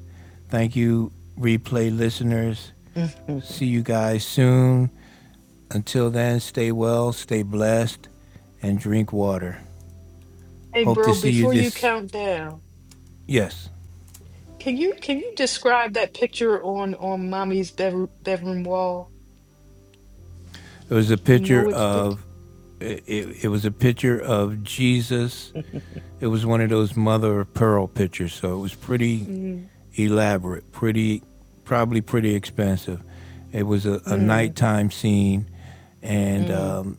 [SPEAKER 1] Thank you, replay listeners.
[SPEAKER 2] hey
[SPEAKER 1] See you guys soon. Until then, stay well, stay blessed, and drink water. Hope to
[SPEAKER 2] bro
[SPEAKER 1] see you
[SPEAKER 2] before you
[SPEAKER 1] this.
[SPEAKER 2] count down
[SPEAKER 1] Yes,
[SPEAKER 2] can you can you describe that picture on on mommy's bedroom, bedroom wall
[SPEAKER 1] it was a
[SPEAKER 2] you know
[SPEAKER 1] picture
[SPEAKER 2] which picture
[SPEAKER 1] of. It, it, it was a picture of Jesus It was one of those mother of pearl pictures, so it was pretty
[SPEAKER 2] mm
[SPEAKER 1] elaborate, pretty, probably pretty expensive. It was a, a
[SPEAKER 2] mm.
[SPEAKER 1] nighttime scene, and
[SPEAKER 2] Mm.
[SPEAKER 1] um,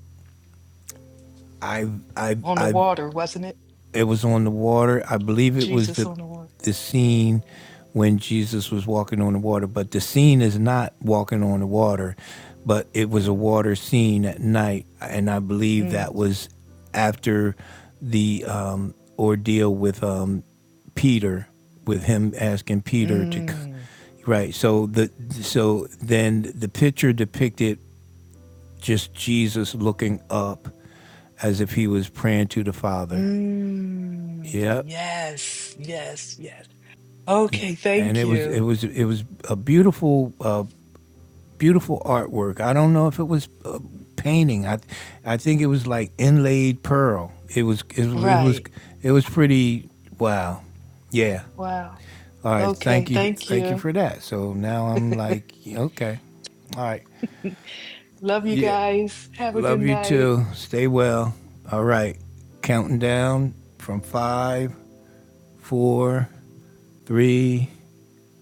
[SPEAKER 1] I, I,
[SPEAKER 2] On the
[SPEAKER 1] I,
[SPEAKER 2] water, wasn't it?
[SPEAKER 1] it was on the water. I believe it was
[SPEAKER 2] Jesus
[SPEAKER 1] the
[SPEAKER 2] on the water.
[SPEAKER 1] the scene when Jesus was walking on the water, but the scene is not walking on the water, but it was a
[SPEAKER 2] Mm,
[SPEAKER 1] water scene at night, and I believe
[SPEAKER 2] mm,
[SPEAKER 1] that was after the um, ordeal with um, Peter, with him asking Peter to, c-
[SPEAKER 2] mm,
[SPEAKER 1] right? So the so then the picture depicted just Jesus looking up as if he was praying to the Father.
[SPEAKER 2] mm.
[SPEAKER 1] Yep.
[SPEAKER 2] Yes, yes, yes.
[SPEAKER 1] Yeah,
[SPEAKER 2] Okay,
[SPEAKER 1] and
[SPEAKER 2] thank
[SPEAKER 1] it was it
[SPEAKER 2] you.
[SPEAKER 1] was it was a beautiful uh, beautiful artwork. I don't know if it was uh, painting. I I think it was like inlaid pearl. It was it, was- it was
[SPEAKER 2] Right.
[SPEAKER 1] it was pretty wow. Yeah.
[SPEAKER 2] Wow.
[SPEAKER 1] All right.
[SPEAKER 2] Okay,
[SPEAKER 1] Thank you.
[SPEAKER 2] thank
[SPEAKER 1] Thank you
[SPEAKER 2] you.
[SPEAKER 1] for that. So now I'm like okay. All right.
[SPEAKER 2] Love you
[SPEAKER 1] Yeah.
[SPEAKER 2] guys. Have a good
[SPEAKER 1] Love you
[SPEAKER 2] night.
[SPEAKER 1] too. Stay well. All right. Counting down from five, four, three,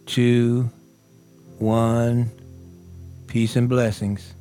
[SPEAKER 1] two, one. Peace and blessings.